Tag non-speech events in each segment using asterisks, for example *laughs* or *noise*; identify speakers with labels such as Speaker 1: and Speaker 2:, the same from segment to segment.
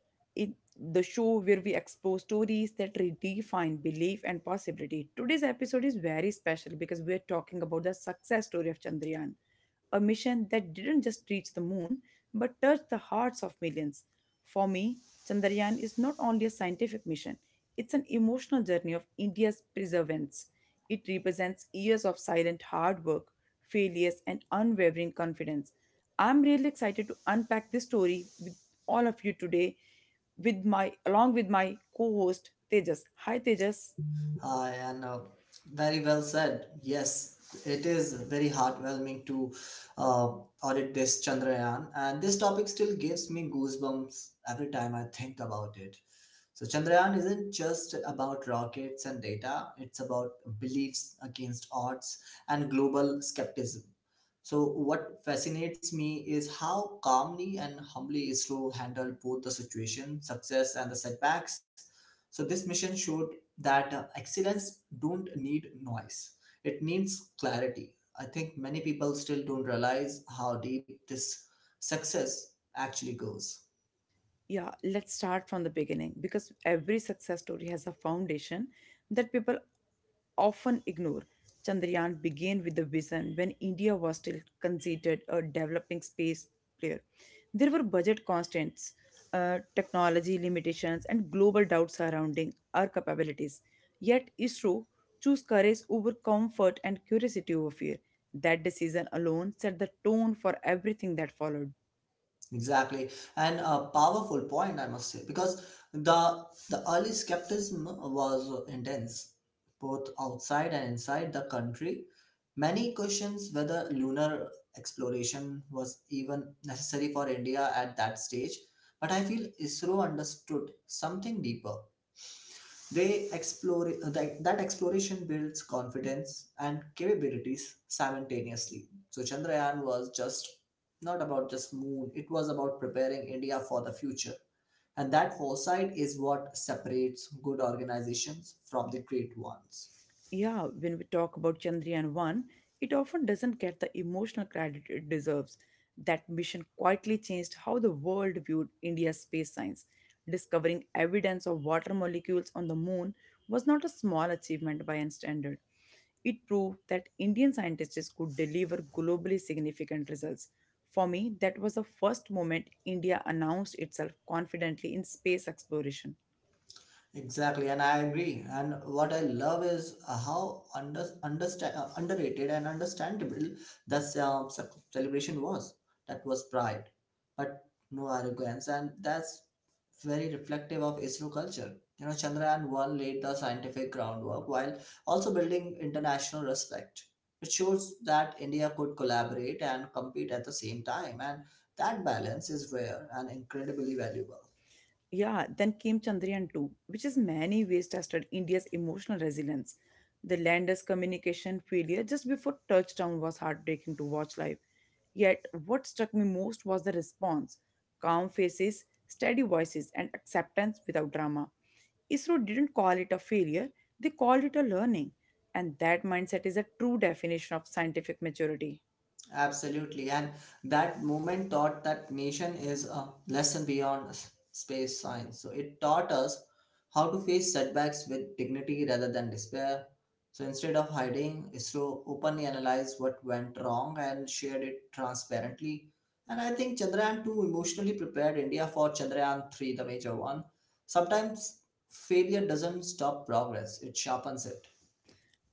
Speaker 1: In the show where we explore stories that redefine belief and possibility, today's episode is very special because we're talking about the success story of Chandrayaan, a mission that didn't just reach the moon but touched the hearts of millions. For me, Chandrayaan is not only a scientific mission, it's an emotional journey of India's perseverance. It represents years of silent hard work, failures, and unwavering confidence. I'm really excited to unpack this story with all of you today with my along with my co-host Tejas. Hi Tejas.
Speaker 2: And very well said. Yes, it is very heartwarming to uh, audit this Chandrayaan, and this topic still gives me goosebumps every time I think about it. So, Chandrayaan isn't just about rockets and data, it's about beliefs against odds and global skepticism. So, what fascinates me is how calmly and humbly Isro handled both the situation, success, and the setbacks. So, this mission showed that excellence don't need noise; it needs clarity. I think many people still don't realize how deep this success actually goes.
Speaker 1: Yeah, let's start from the beginning because every success story has a foundation that people often ignore. Chandrayaan began with a vision when India was still considered a developing space player. There were budget constraints, technology limitations, and global doubts surrounding our capabilities. Yet, ISRO chose courage over comfort and curiosity over fear. That decision alone set the tone for everything that followed.
Speaker 2: Exactly, and a powerful point, I must say, because the the early skepticism was intense, both outside and inside the country. Many questions whether lunar exploration was even necessary for India at that stage, but I feel ISRO understood something deeper. They explore that exploration builds confidence and capabilities simultaneously. So Chandrayaan was just not about just moon, it was about preparing India for the future. And that foresight is what separates good organizations from the great ones.
Speaker 1: Yeah, when we talk about Chandrayaan 1, it often doesn't get the emotional credit it deserves. That mission quietly changed how the world viewed India's space science. Discovering evidence of water molecules on the moon was not a small achievement by any standard. It proved that Indian scientists could deliver globally significant results. For me, that was the first moment India announced itself confidently in space exploration.
Speaker 2: Exactly, and I agree. And what I love is how underrated and understandable the celebration was. That was pride, but no arrogance, and that's very reflective of ISRO culture. You know, Chandrayaan 1 laid the scientific groundwork while also building international respect. It shows that India could collaborate and compete at the same time, and that balance is rare and incredibly valuable.
Speaker 1: Yeah, then came Chandrayaan 2, which in many ways tested India's emotional resilience. The lander's communication failure just before touchdown was heartbreaking to watch live. Yet, what struck me most was the response: calm faces, steady voices, and acceptance without drama. ISRO didn't call it a failure, they called it a learning. And that mindset is a true definition of scientific maturity.
Speaker 2: Absolutely. And that moment taught that nation is a lesson beyond space science. So it taught us how to face setbacks with dignity rather than despair. So instead of hiding, ISRO openly analyzed what went wrong and shared it transparently. And I think Chandrayaan 2 emotionally prepared India for Chandrayaan 3, the major one. Sometimes failure doesn't stop progress, it sharpens it.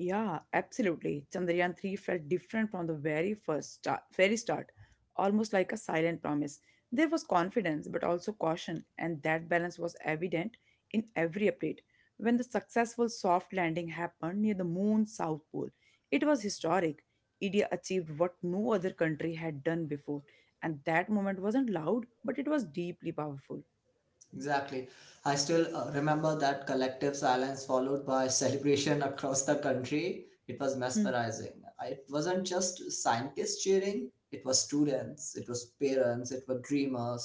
Speaker 1: Yeah, absolutely. Chandrayaan 3 felt different from the very start, almost like a silent promise. There was confidence but also caution, and that balance was evident in every update. When the successful soft landing happened near the moon's south pole, it was historic. India achieved what no other country had done before, and that moment wasn't loud, but it was deeply powerful.
Speaker 2: Exactly. I still remember that collective silence followed by celebration across the country. It was mesmerizing. It wasn't just scientists cheering, it was students, it was parents, it were dreamers.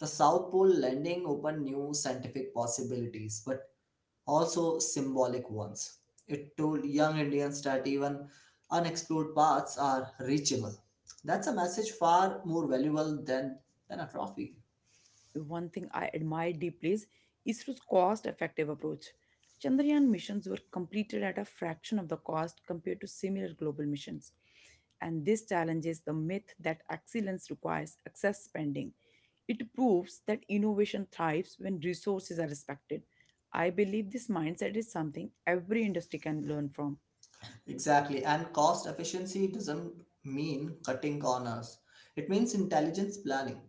Speaker 2: The South Pole landing opened new scientific possibilities, but also symbolic ones. It told young Indians that even unexplored paths are reachable. That's a message far more valuable than a trophy.
Speaker 1: One thing I admire deeply is ISRO's cost effective approach. Chandrayaan missions were completed at a fraction of the cost compared to similar global missions. And this challenges the myth that excellence requires excess spending. It proves that innovation thrives when resources are respected. I believe this mindset is something every industry can learn from.
Speaker 2: Exactly. And cost efficiency doesn't mean cutting corners. It means intelligence planning.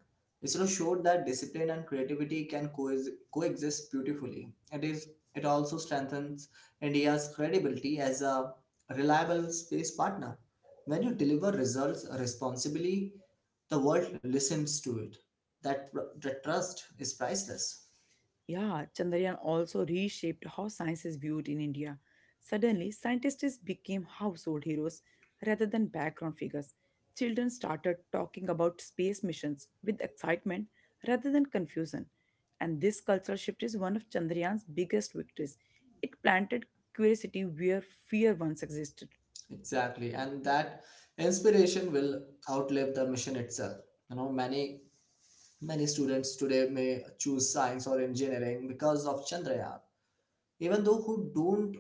Speaker 2: ISRO showed that discipline and creativity can coexist beautifully. It also strengthens India's credibility as a reliable space partner. When you deliver results responsibly, the world listens to it. That trust is priceless.
Speaker 1: Yeah, Chandrayaan also reshaped how science is viewed in India. Suddenly, scientists became household heroes rather than background figures. Children started talking about space missions with excitement rather than confusion. And this cultural shift is one of Chandrayaan's biggest victories. It planted curiosity where fear once existed.
Speaker 2: Exactly. And that inspiration will outlive the mission itself. You know, many Many students today may choose science or engineering because of Chandrayaan, even though who don't,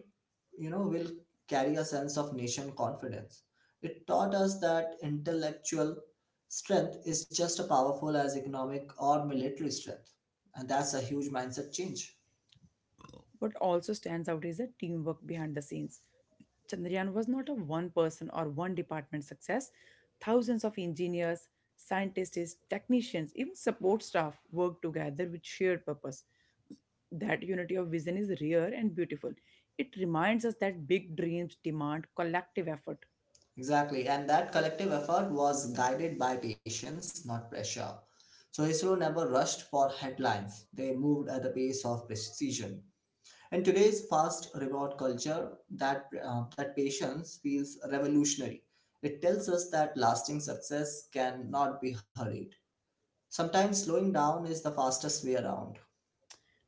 Speaker 2: will carry a sense of nation confidence. It taught us that intellectual strength is just as powerful as economic or military strength. And that's a huge mindset change.
Speaker 1: What also stands out is the teamwork behind the scenes. Chandrayaan was not a one person or one department success. Thousands of engineers, scientists, technicians, even support staff worked together with shared purpose. That unity of vision is rare and beautiful. It reminds us that big dreams demand collective effort.
Speaker 2: Exactly. And that collective effort was guided by patience, not pressure. So ISRO never rushed for headlines. They moved at the pace of precision. And today's fast reward culture, that patience feels revolutionary. It tells us that lasting success cannot be hurried. Sometimes slowing down is the fastest way around.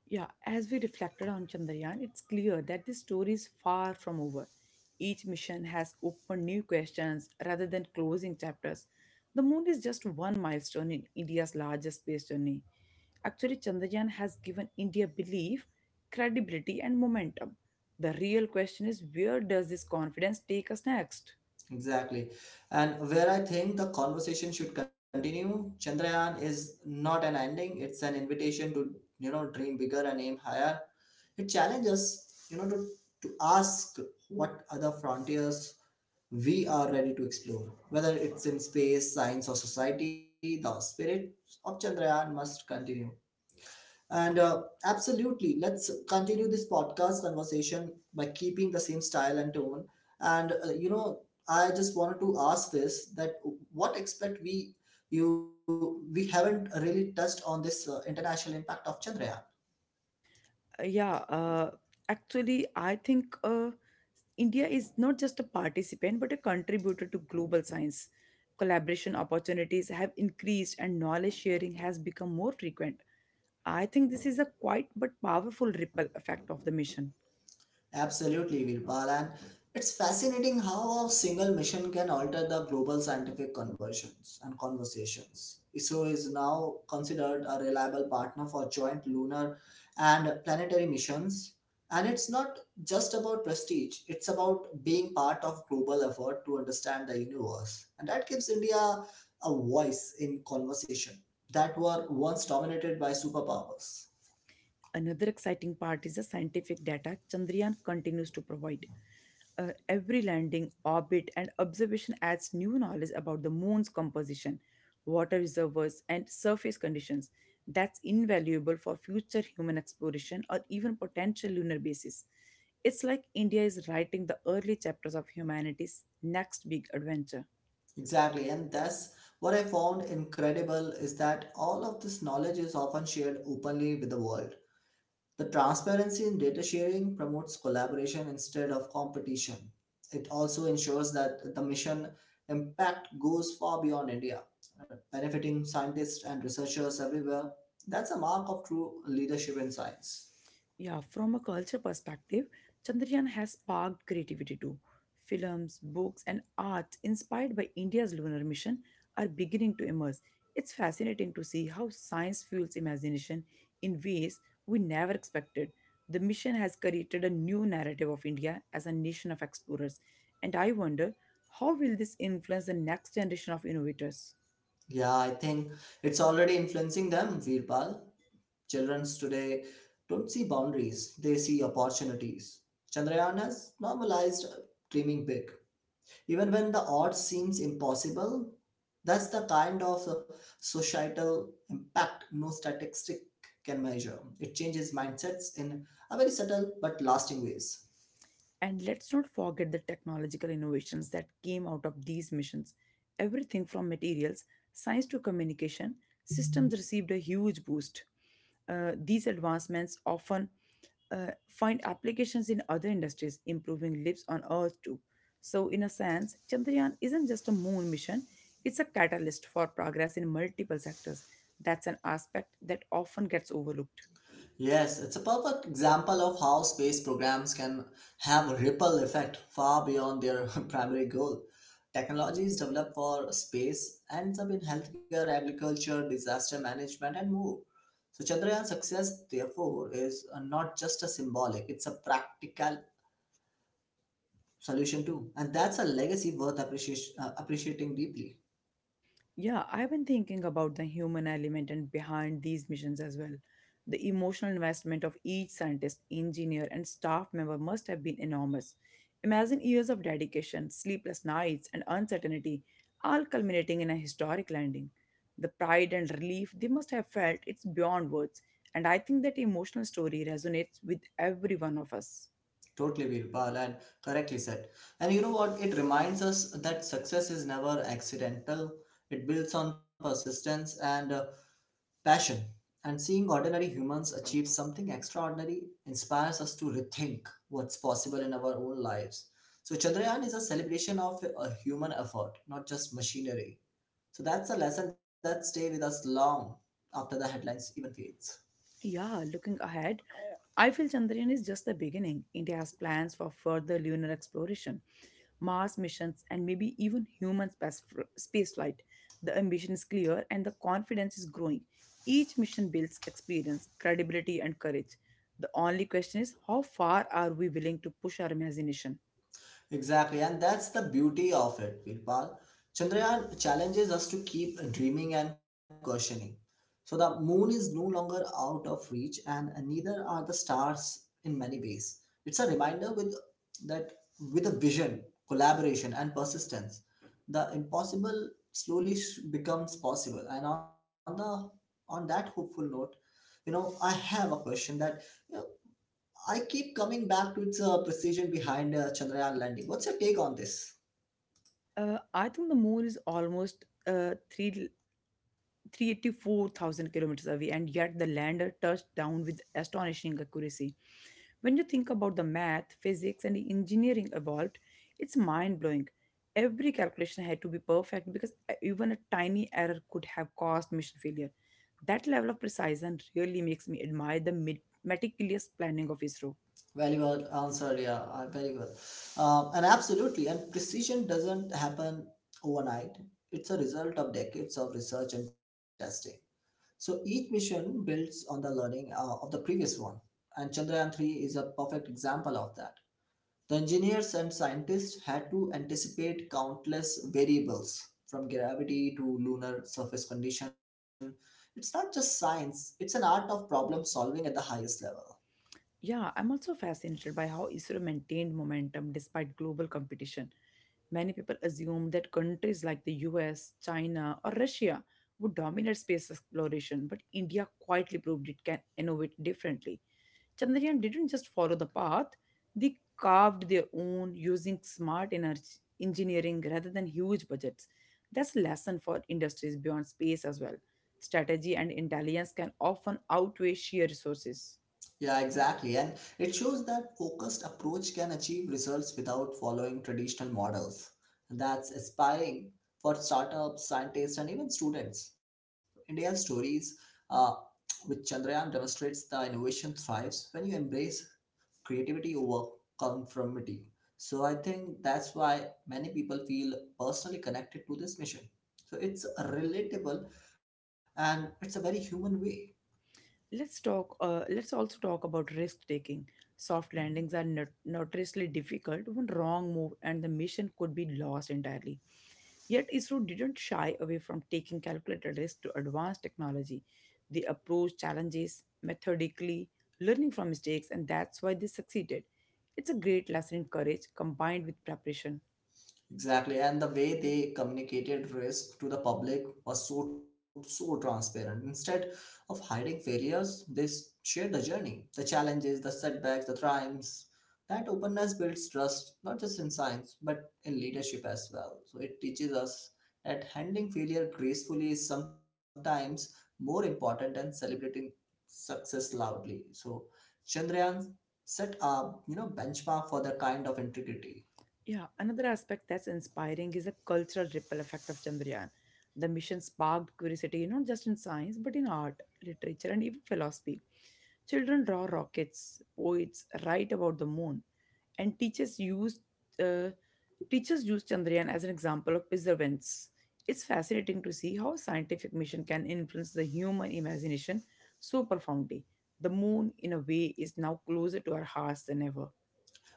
Speaker 1: Yeah, as we reflected on Chandrayaan, it's clear that this story is far from over. Each mission has opened new questions rather than closing chapters. The moon is just one milestone in India's largest space journey. Actually, Chandrayaan has given India belief, credibility, and momentum. The real question is, where does this confidence take us next?
Speaker 2: Exactly. And where I think the conversation should continue, Chandrayaan is not an ending, it's an invitation to, dream bigger and aim higher. It challenges, to ask what other frontiers we are ready to explore. Whether it's in space, science, or society, the spirit of Chandrayaan must continue. And absolutely, let's continue this podcast conversation by keeping the same style and tone. And I just wanted to ask this that what expect we you we haven't really touched on this international impact of Chandrayaan.
Speaker 1: Uh, yeah uh, actually I think india is not just a participant but a contributor to global science. Collaboration opportunities have increased and knowledge sharing has become more frequent. I think this is a quite but powerful ripple effect of the mission.
Speaker 2: Absolutely, Virpal. And it's fascinating how a single mission can alter the global scientific conversions and conversations. ISRO is now considered a reliable partner for joint lunar and planetary missions. And it's not just about prestige, it's about being part of global effort to understand the universe. And that gives India a voice in conversation that were once dominated by superpowers.
Speaker 1: Another exciting part is the scientific data Chandrayaan continues to provide. Every landing, orbit, and observation adds new knowledge about the moon's composition, water reservoirs, and surface conditions. That's invaluable for future human exploration or even potential lunar bases. It's like India is writing the early chapters of humanity's next big adventure.
Speaker 2: Exactly, and that's what I found incredible is that all of this knowledge is often shared openly with the world. The transparency in data sharing promotes collaboration instead of competition. It also ensures that the mission impact goes far beyond India, benefiting scientists and researchers everywhere. That's a mark of true leadership in science.
Speaker 1: Yeah, from a culture perspective, Chandrayaan has sparked creativity too. Films, books, and art inspired by India's lunar mission are beginning to emerge. It's fascinating to see how science fuels imagination in ways we never expected. The mission has created a new narrative of India as a nation of explorers, and I wonder, how will this influence the next generation of innovators?
Speaker 2: Yeah, I think it's already influencing them, Veerpal. Childrens today don't see boundaries, they see opportunities. Chandrayaan has normalized dreaming big. Even when the odds seems impossible, that's the kind of societal impact no statistic can measure. It changes mindsets in a very subtle but lasting ways.
Speaker 1: And let's not forget the technological innovations that came out of these missions. Everything from materials science to communication systems received a huge boost. These advancements often find applications in other industries, improving lives on Earth too. So, in a sense, Chandrayaan isn't just a moon mission, it's a catalyst for progress in multiple sectors. That's an aspect that often gets overlooked.
Speaker 2: Yes, it's a perfect example of how space programs can have a ripple effect far beyond their *laughs* primary goal. Technologies developed for space ends up in healthcare, agriculture, disaster management, and more. So Chandrayaan's success, therefore, is not just a symbolic; it's a practical solution too, and that's a legacy worth appreciating deeply.
Speaker 1: Yeah, I've been thinking about the human element and behind these missions as well. The emotional investment of each scientist, engineer, and staff member must have been enormous. Imagine years of dedication, sleepless nights, and uncertainty, all culminating in a historic landing. The pride and relief they must have felt, it's beyond words. And I think that emotional story resonates with every one of us.
Speaker 2: Totally, Virpal, and correctly said. And you know what? It reminds us that success is never accidental. It builds on persistence and passion. And seeing ordinary humans achieve something extraordinary inspires us to rethink what's possible in our own lives. So, Chandrayaan is a celebration of a human effort, not just machinery. So, that's a lesson that stays with us long after the headlines even fades.
Speaker 1: Yeah, looking ahead, I feel Chandrayaan is just the beginning. India has plans for further lunar exploration, Mars missions, and maybe even human space spaceflight. The ambition is clear and the confidence is growing. Each mission builds experience, credibility, and courage. The only question is, how far are we willing to push our imagination?
Speaker 2: Exactly, and that's the beauty of it, Virpal. Chandrayaan challenges us to keep dreaming and questioning. So the moon is no longer out of reach, and neither are the stars in many ways. It's a reminder that with a vision, collaboration, and persistence, the impossible slowly becomes possible. And on the on that hopeful note, I have a question that you know, I keep coming back to its precision behind Chandrayaan landing. What's your take on this?
Speaker 1: I think the moon is almost 384,000 kilometers away, and yet the lander touched down with astonishing accuracy. When you think about the math, physics, and engineering evolved, it's mind blowing. Every calculation had to be perfect because even a tiny error could have caused mission failure. That level of precision really makes me admire the meticulous planning of ISRO.
Speaker 2: Very well answered. Yeah, very well. And absolutely, and precision doesn't happen overnight. It's a result of decades of research and testing. So each mission builds on the learning of the previous one, and Chandrayaan three is a perfect example of that. The engineers and scientists had to anticipate countless variables from gravity to lunar surface condition. It's not just science, it's an art of problem solving at the highest level.
Speaker 1: Yeah, I'm also fascinated by how Israel maintained momentum despite global competition. Many people assume that countries like the US, China, or Russia would dominate space exploration, but India quietly proved it can innovate differently. Chandrayaan didn't just follow the path, they carved their own using smart energy engineering rather than huge budgets. That's a lesson for industries beyond space as well. Strategy and intelligence can often outweigh sheer resources.
Speaker 2: Yeah, exactly. And it shows that focused approach can achieve results without following traditional models. And that's inspiring for startups, scientists, and even students. India's stories uh, with Chandrayaan demonstrates the innovation thrives when you embrace creativity over conformity. So I think that's why many people feel personally connected to this mission. So it's relatable and it's a very human way.
Speaker 1: Let's also talk about risk taking. Soft
Speaker 2: Mhm.
Speaker 1: landings are notoriously difficult. One wrong move and the mission could be lost entirely. Yet ISRO didn't shy away from taking calculated risks to advance technology. They approached challenges methodically, learning from mistakes, and that's why they succeeded. It's a great lesson in courage combined with preparation.
Speaker 2: Exactly, and the way they communicated risk to the public was so transparent. Instead of hiding failures, they shared the journey, the challenges, the setbacks, the triumphs. That openness builds trust, not just in science, but in leadership as well. So it teaches us that handling failure gracefully is sometimes more important than celebrating success loudly. So Chandrayaan set a benchmark for that kind of integrity.
Speaker 1: Yeah, another aspect that's inspiring is the cultural ripple effect of Chandrayaan. The mission sparked curiosity not just in science but in art, literature, and even philosophy. Children draw rockets, poets write about the moon, and uh, teachers use Chandrayaan as an example of perseverance. It's fascinating to see how a scientific mission can influence the human imagination so profoundly. The moon, in a way, is now closer to our hearts than ever.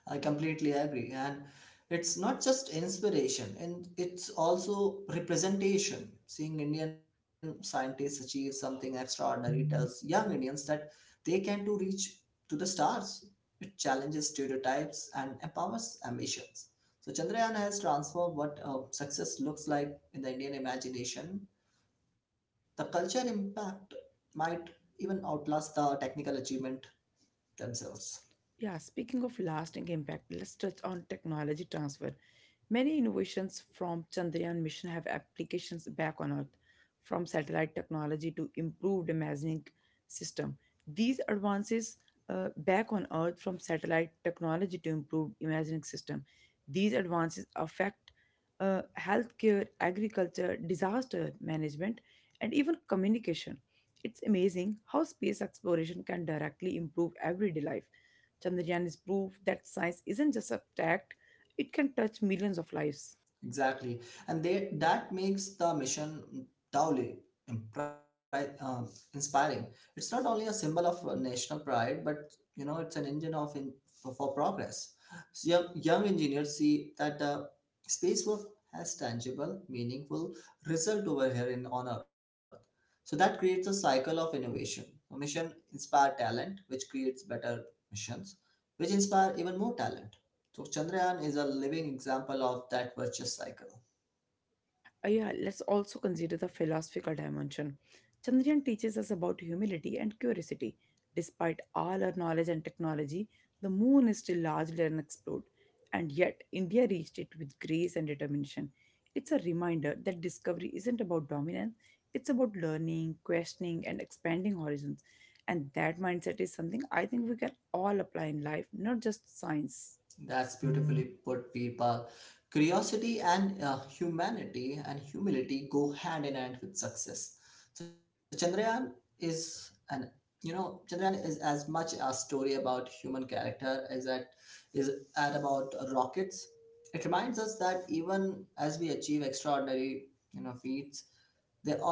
Speaker 2: I completely agree. And it's not just inspiration, and it's also representation. Seeing Indian scientists achieve something extraordinary tells young Indians that they can too reach to the stars. It challenges stereotypes and empowers ambitions. So Chandrayaan has transformed what success looks like in the Indian imagination. The culture impact might even outlast the technical achievement themselves.
Speaker 1: Yeah, speaking of lasting impact, let's touch on technology transfer. Many innovations from Chandrayaan mission have applications back on Earth, from satellite technology to improved imaging system. These advances back on Earth from satellite technology to improved imaging system. These advances affect healthcare, agriculture, disaster management, and even communication. It's amazing how space exploration can directly improve everyday life. Chandrayaan is proof that science isn't just abstract, it can touch millions of lives.
Speaker 2: Exactly, and they that makes the mission doubly impri- um, inspiring. It's not only a symbol of national pride, but it's an engine for progress. So young engineers see that the space work has tangible, meaningful result over here in on Earth. So that creates a cycle of innovation. A mission inspire talent, which creates better missions, which inspire even more talent so Chandrayaan is a living example of that virtuous cycle.
Speaker 1: Yeah, let's also consider the philosophical dimension. Chandrayaan teaches us about humility and curiosity. Despite all our knowledge and technology, the moon is still largely unexplored, and yet India reached it with grace and determination. It's a reminder that discovery isn't about dominance, it's about learning, questioning, and expanding horizons. And that mindset is something I think we can all apply in life, not just science.
Speaker 2: That's beautifully put, Veerpal. Curiosity and humanity and humility go hand in hand with success. So Chandrayaan is an you know Chandrayaan is as much a story about human character as that is at about rockets. It reminds us that even as we achieve extraordinary feats,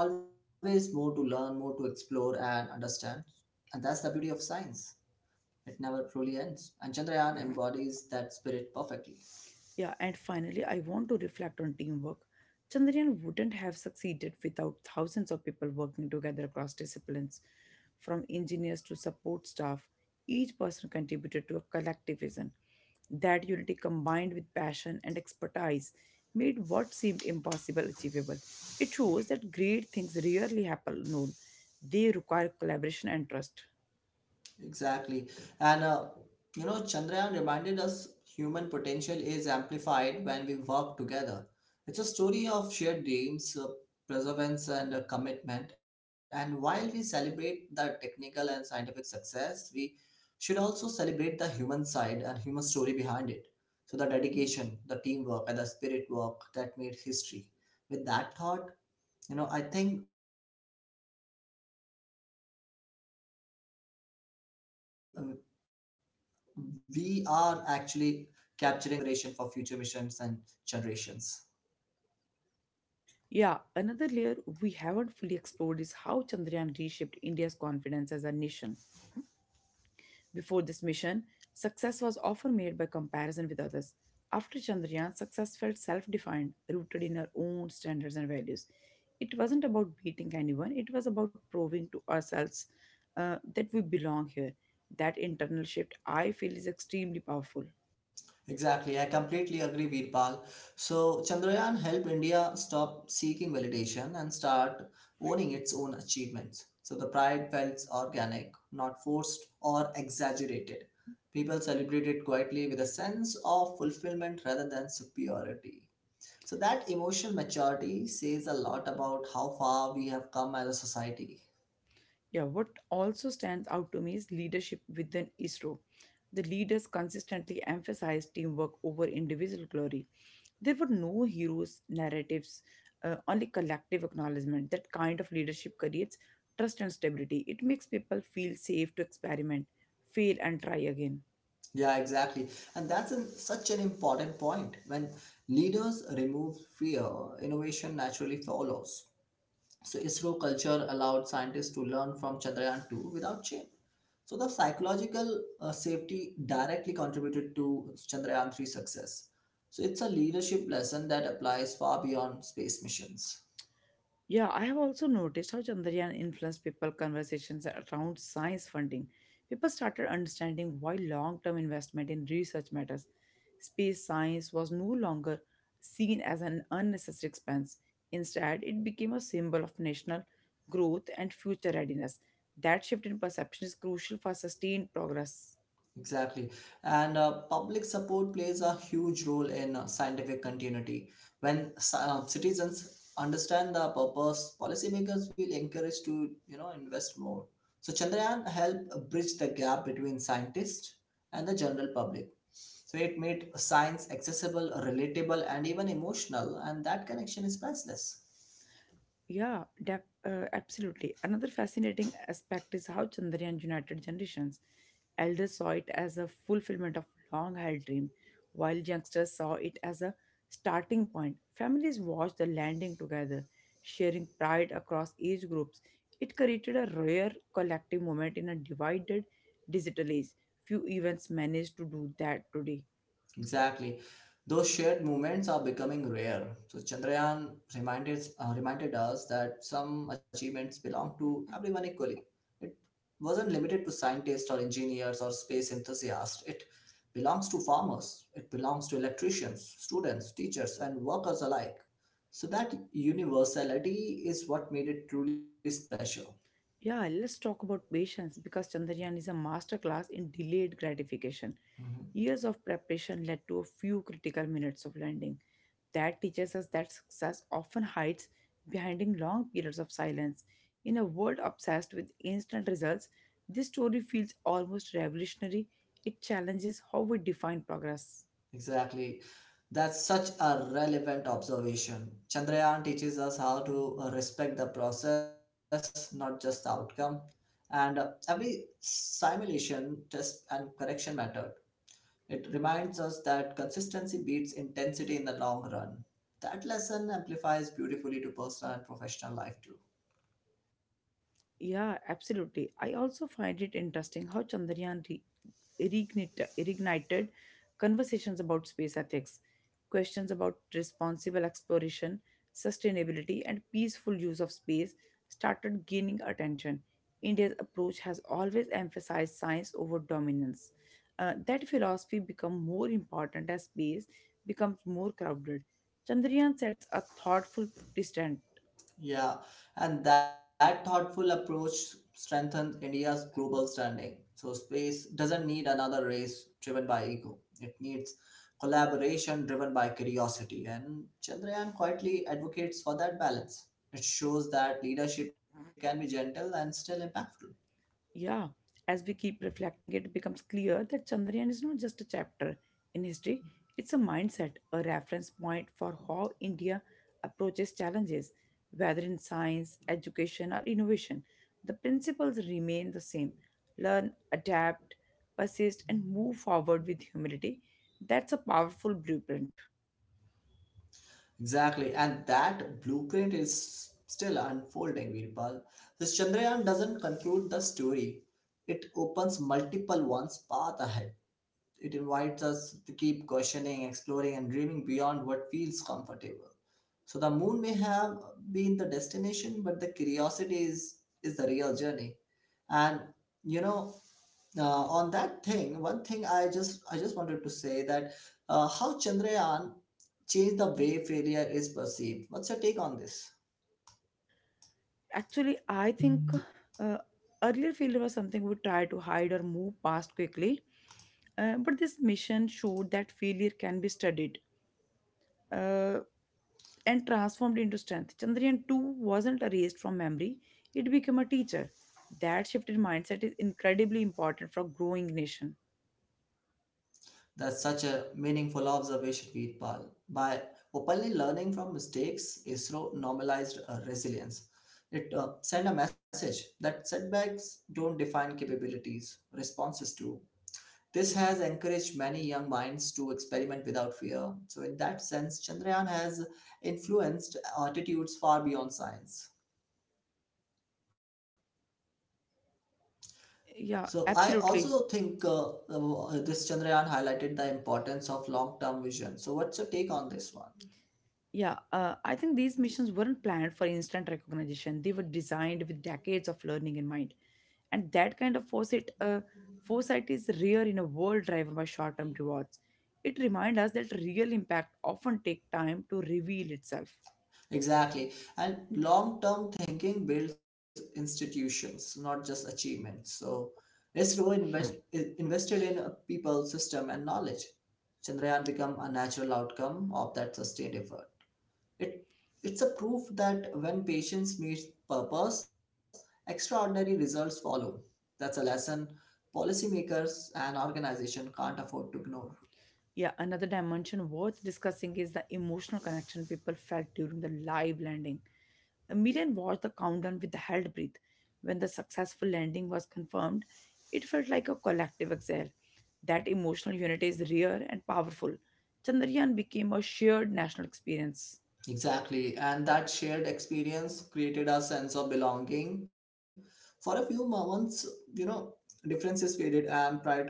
Speaker 2: there always more to learn, more to explore and understand, and that's the beauty of science. It never truly ends. And Chandrayaan embodies that spirit perfectly.
Speaker 1: Yeah, and finally, I want to reflect on teamwork. Chandrayaan wouldn't have succeeded without thousands of people working together across disciplines, from engineers to support staff. Each person contributed to a collective vision. That unity combined with passion and expertise made what seemed impossible achievable. It shows that great things rarely happen alone, they require collaboration and trust.
Speaker 2: Exactly. And Chandrayaan reminded us human potential is amplified when we work together. It's a story of shared dreams, perseverance, and commitment. And while we celebrate the technical and scientific success, we should also celebrate the human side and human story behind it. So the dedication, the teamwork, and the spirit work that made history. With that thought, I think we are actually capturing the essence of Chandrayaan's journey, leaving plenty of inspiration for future missions and
Speaker 1: Yeah, another layer
Speaker 2: generations.
Speaker 1: we haven't fully explored is how Chandrayaan reshaped India's confidence as a nation. Before this mission, success was often made by comparison with others. After Chandrayaan, success felt self defined, rooted in our own standards and values. It wasn't about beating anyone, it was about proving to ourselves that we belong here. That internal shift, I feel, is extremely powerful.
Speaker 2: Exactly, I completely agree, Veerpal. So Chandrayaan helped India stop seeking validation and start owning its own achievements. So the pride felt organic, not forced or exaggerated. People celebrated quietly with a sense of fulfillment rather than superiority. So that emotional maturity says a lot about how far we have come as a society.
Speaker 1: Yeah, what also stands out to me is leadership within ISRO. The leaders consistently emphasized teamwork over individual glory. There were no heroes, narratives, only collective acknowledgement. That kind of leadership creates trust and stability. It makes people feel safe to experiment, fail, and try again.
Speaker 2: Yeah, exactly. Such an important point. When leaders remove fear, innovation naturally follows. So ISRO culture allowed scientists to learn from Chandrayaan 2 without shame. So the psychological safety directly contributed to Chandrayaan 3 success. So it's a leadership lesson that applies far beyond space missions.
Speaker 1: Yeah, I have also noticed how Chandrayaan influenced people conversations around science funding. People started understanding why long-term investment in research matters. Space science was no longer seen as an unnecessary expense. Instead, it became a symbol of national growth and future readiness. That shift in perception is crucial for sustained progress.
Speaker 2: Exactly. And public support plays a huge role in scientific continuity. When citizens understand the purpose, policymakers will encourage to, you know, invest more. So Chandrayaan helped bridge the gap between scientists and the general public. So it made science accessible, relatable, and even emotional, and that connection is priceless.
Speaker 1: Absolutely. Another fascinating aspect is how Chandrayaan united generations. Elders saw it as a fulfillment of long-held dream, while youngsters saw it as a starting point. Families watched the landing together, sharing pride across age groups. It created a rare collective moment in a divided digital age. Few events manage to do that today.
Speaker 2: Exactly. Those shared moments are becoming rare. So Chandrayaan reminded us that some achievements belong to everyone equally. It wasn't limited to scientists or engineers or space enthusiasts. It belongs to farmers. It belongs to electricians, students, teachers, and workers alike. So that universality is what made it truly special.
Speaker 1: Yeah, let's talk about patience because Chandrayaan is a masterclass in delayed gratification.
Speaker 2: Mhm.
Speaker 1: Years of preparation led to a few critical minutes of landing. That teaches us that success often hides behind long periods of silence. In a world obsessed with instant results, this story feels almost revolutionary. It challenges how we define progress.
Speaker 2: Exactly. That's such a relevant observation. Chandrayaan teaches us how to respect the process, not just the outcome. And every simulation, test, and correction method, it reminds us that consistency beats intensity in the long run. That lesson amplifies beautifully to personal and professional life too.
Speaker 1: Yeah, absolutely. I also find it interesting how reignited conversations about space ethics, questions about responsible exploration, sustainability, and peaceful use of space started gaining attention. India's approach has always emphasized science over dominance. That philosophy become more important as space becomes more crowded. Chandrayaan sets a thoughtful precedent.
Speaker 2: Yeah, and that thoughtful approach strengthens India's global standing. So space doesn't need another race driven by ego. It needs collaboration driven by curiosity. And Chandrayaan quietly advocates for that balance. It shows that leadership can
Speaker 1: 嗯
Speaker 2: be gentle and still impactful.
Speaker 1: Yeah, as we keep reflecting, it becomes clear that Chandrayaan is not just a chapter in history, it's a mindset, a reference point for how India approaches challenges, whether in science, education, or innovation. The principles remain the same learn, adapt, persist, and move forward with humility. That's a powerful blueprint.
Speaker 2: Exactly, and that blueprint is still unfolding, Virpal. This Chandrayaan doesn't conclude the story. It opens multiple ones path ahead. It invites us to keep questioning, exploring, and dreaming beyond what feels comfortable. So the moon may have been the destination, but the curiosity is the real journey. And you know, uh, on that thing, one thing I just wanted to say that how Chandrayaan changed the way failure is perceived. What's your take on this?
Speaker 1: Actually, I think uh, earlier failure was something we try to hide or move past quickly. But this mission showed that failure can be studied uh, and transformed into strength. Chandrayaan 2 wasn't erased from memory, it became a teacher. That shift in mindset is incredibly important for growing nation.
Speaker 2: That's such a meaningful observation, Veerpal. By openly learning from mistakes, ISRO normalized resilience. It sent a message that setbacks don't define capabilities, responses do. This has encouraged many young minds to experiment without fear. So, in that sense, Chandrayaan has influenced attitudes far beyond science.
Speaker 1: Yeah,
Speaker 2: So I
Speaker 1: absolutely.
Speaker 2: also think this Chandrayaan highlighted the importance of long-term vision. So what's your take on this one?
Speaker 1: Yeah, I think these missions weren't planned for instant recognition. They were designed with decades of learning in mind, and that kind of foresight is rare in a world driven by short-term rewards. It reminds us that real impact often take time to reveal itself.
Speaker 2: Exactly. And long term thinking builds institutions, not just achievements. So, ISRO invested in a people, system, and knowledge. Chandrayaan became a natural outcome of that sustained effort. It, it's a proof that when patience meets purpose, extraordinary results follow. That's a lesson policymakers and organizations can't afford to ignore.
Speaker 1: Yeah, another dimension worth discussing is the emotional connection people felt during the live landing. The Million watched the countdown with held breath. When the successful landing was confirmed, it felt like a collective exhale. That emotional unity is rare and powerful. Chandrayaan became a shared national experience.
Speaker 2: Exactly, and that shared experience created a sense of belonging. For a few moments, you know, differences faded and pride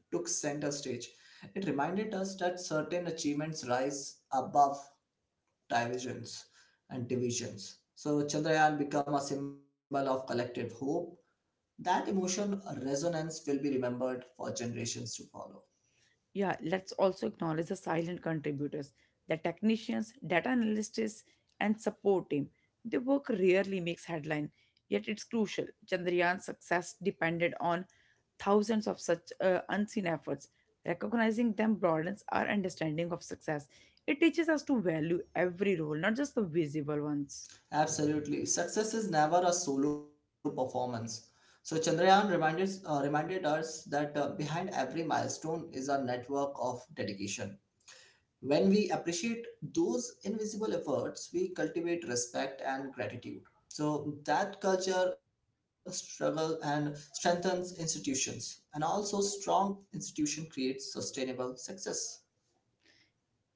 Speaker 2: took center stage. It reminded us that certain achievements rise above divisions and divisions. So Chandrayaan became a symbol of collective hope. That emotion resonance will be remembered for generations to follow.
Speaker 1: Yeah, let's also acknowledge the silent contributors, the technicians, data analysts, and support team. Their work rarely makes headline, yet it's crucial. Chandrayaan's success depended on thousands of such unseen efforts. Recognizing them broadens our understanding of success. It teaches us to value every role, not just the visible ones.
Speaker 2: Absolutely. Success is never a solo performance. So Chandrayaan reminded us that behind every milestone is a network of dedication. When we appreciate those invisible efforts, we cultivate respect and gratitude. So that culture struggle and strengthens institutions and also strong institution creates sustainable success.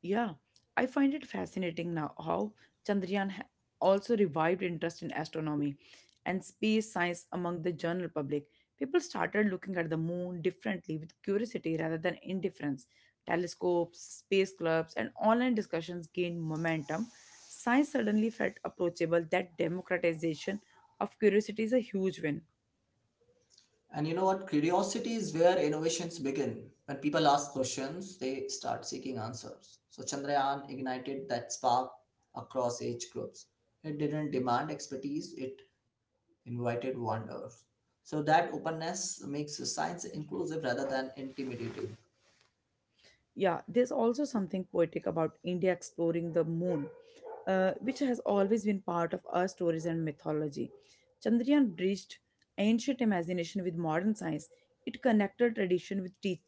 Speaker 1: Yeah, I find it fascinating now how Chandrayaan ha- also revived interest in astronomy and space science among the general public. People started looking at the moon differently with curiosity rather than indifference. Telescopes, space clubs, and online discussions gained momentum. Science suddenly felt approachable. That democratization of curiosity is a huge win.
Speaker 2: And you know what? Curiosity is where innovations begin. When people ask questions, they start seeking answers. So Chandrayaan ignited that spark across age groups. It didn't demand expertise, it invited wonders. So that openness makes science inclusive rather than intimidating.
Speaker 1: Yeah, there's also something poetic about India exploring the moon, which has always been part of our stories and mythology. Chandrayaan bridged ancient imagination with modern science. It connected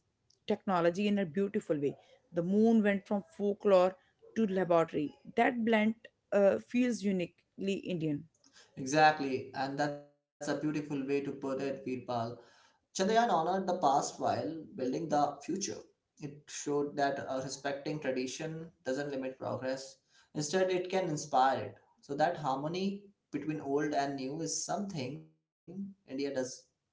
Speaker 1: technology in a beautiful way. The moon went from folklore to laboratory. That blend feels uniquely Indian.
Speaker 2: Exactly, and that's a beautiful way to put it, Veerpal. Chandrayaan honored the past while building the future. It showed that respecting tradition doesn't limit progress, instead, it can inspire it. So, that harmony between old and new is something India does best.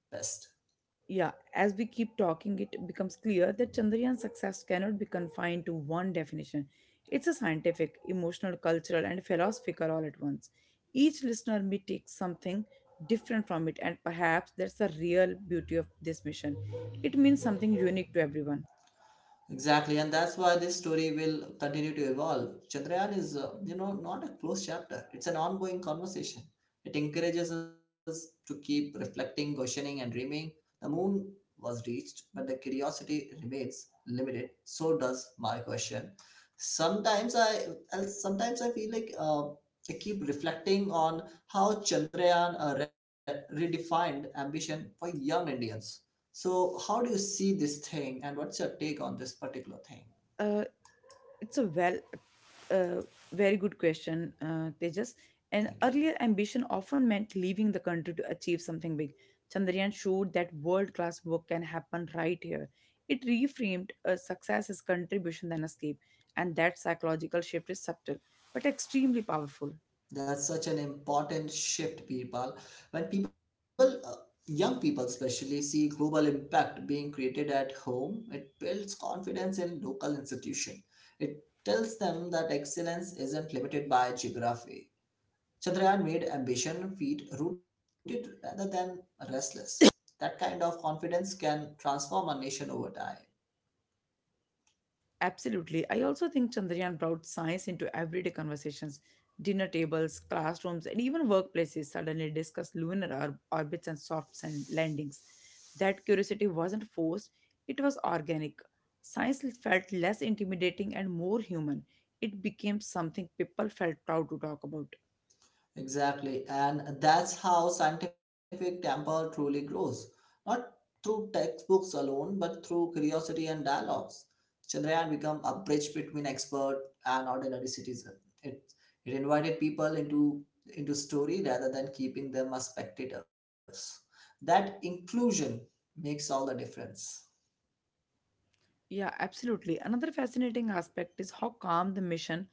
Speaker 1: Yeah, as we keep talking, it becomes clear that Chandrayaan success cannot be confined to one definition. It's a scientific, emotional, cultural, and philosophical all at once. Each listener may take something different from it, and perhaps that's the real beauty of this mission. It means something unique to everyone.
Speaker 2: Exactly, and that's why this story will continue to evolve. Chandrayaan is, not a closed chapter. It's an ongoing conversation. It encourages us to keep reflecting, questioning, and dreaming. The moon was reached, but the curiosity remains limited. So does my question. Sometimes I, I'll- sometimes I feel like I keep reflecting on how Chandrayaan redefined ambition for young Indians. So, how do you see this thing, and what's your take on this particular thing?
Speaker 1: Uh, It's a well, uh, Very good question, Tejas. And
Speaker 2: Thank you.
Speaker 1: earlier ambition often meant leaving the country to achieve something big. Chandrayaan showed that world class work can happen right here. It reframed success as contribution than escape, and that psychological shift is subtle but extremely powerful.
Speaker 2: That's such an important shift, people. When people, young people especially, see global impact being created at home, it builds confidence in local institution. It tells them that excellence isn't limited by geography. Chandrayaan made ambition feet rooted rather than restless. That kind of confidence can transform a nation over time.
Speaker 1: Absolutely. I also think Chandrayaan brought science into everyday conversations. Dinner tables, classrooms, and even workplaces suddenly discuss orbits and soft sand landings. That curiosity wasn't forced, it was organic. Science felt less intimidating and more human. It became something people felt proud to talk about.
Speaker 2: Exactly, and that's how scientific temper truly grows, not through textbooks alone, but through curiosity and dialogues. Chandrayaan became a bridge between expert and ordinary citizen. It it invited people into story rather than keeping them as spectators. That inclusion makes all the difference.
Speaker 1: Yeah, absolutely. Another fascinating aspect is how calm the mission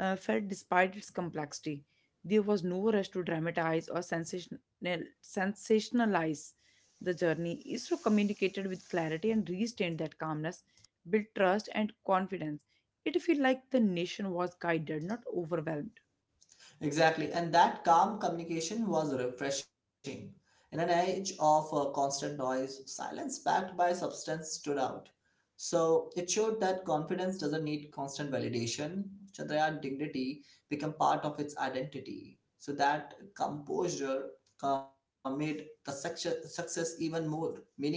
Speaker 1: felt despite its complexity. There was no rush to sensationalize the journey. ISRO communicated with clarity and restained that calmness, built trust and confidence. It felt like the nation was guided, not overwhelmed.
Speaker 2: Exactly, and that calm communication was refreshing. In an age of constant noise, silence backed by substance stood out. So it showed that confidence doesn't need constant validation. Chandrayaan dignity became part of its identity. So that composure made the success even more meaningful.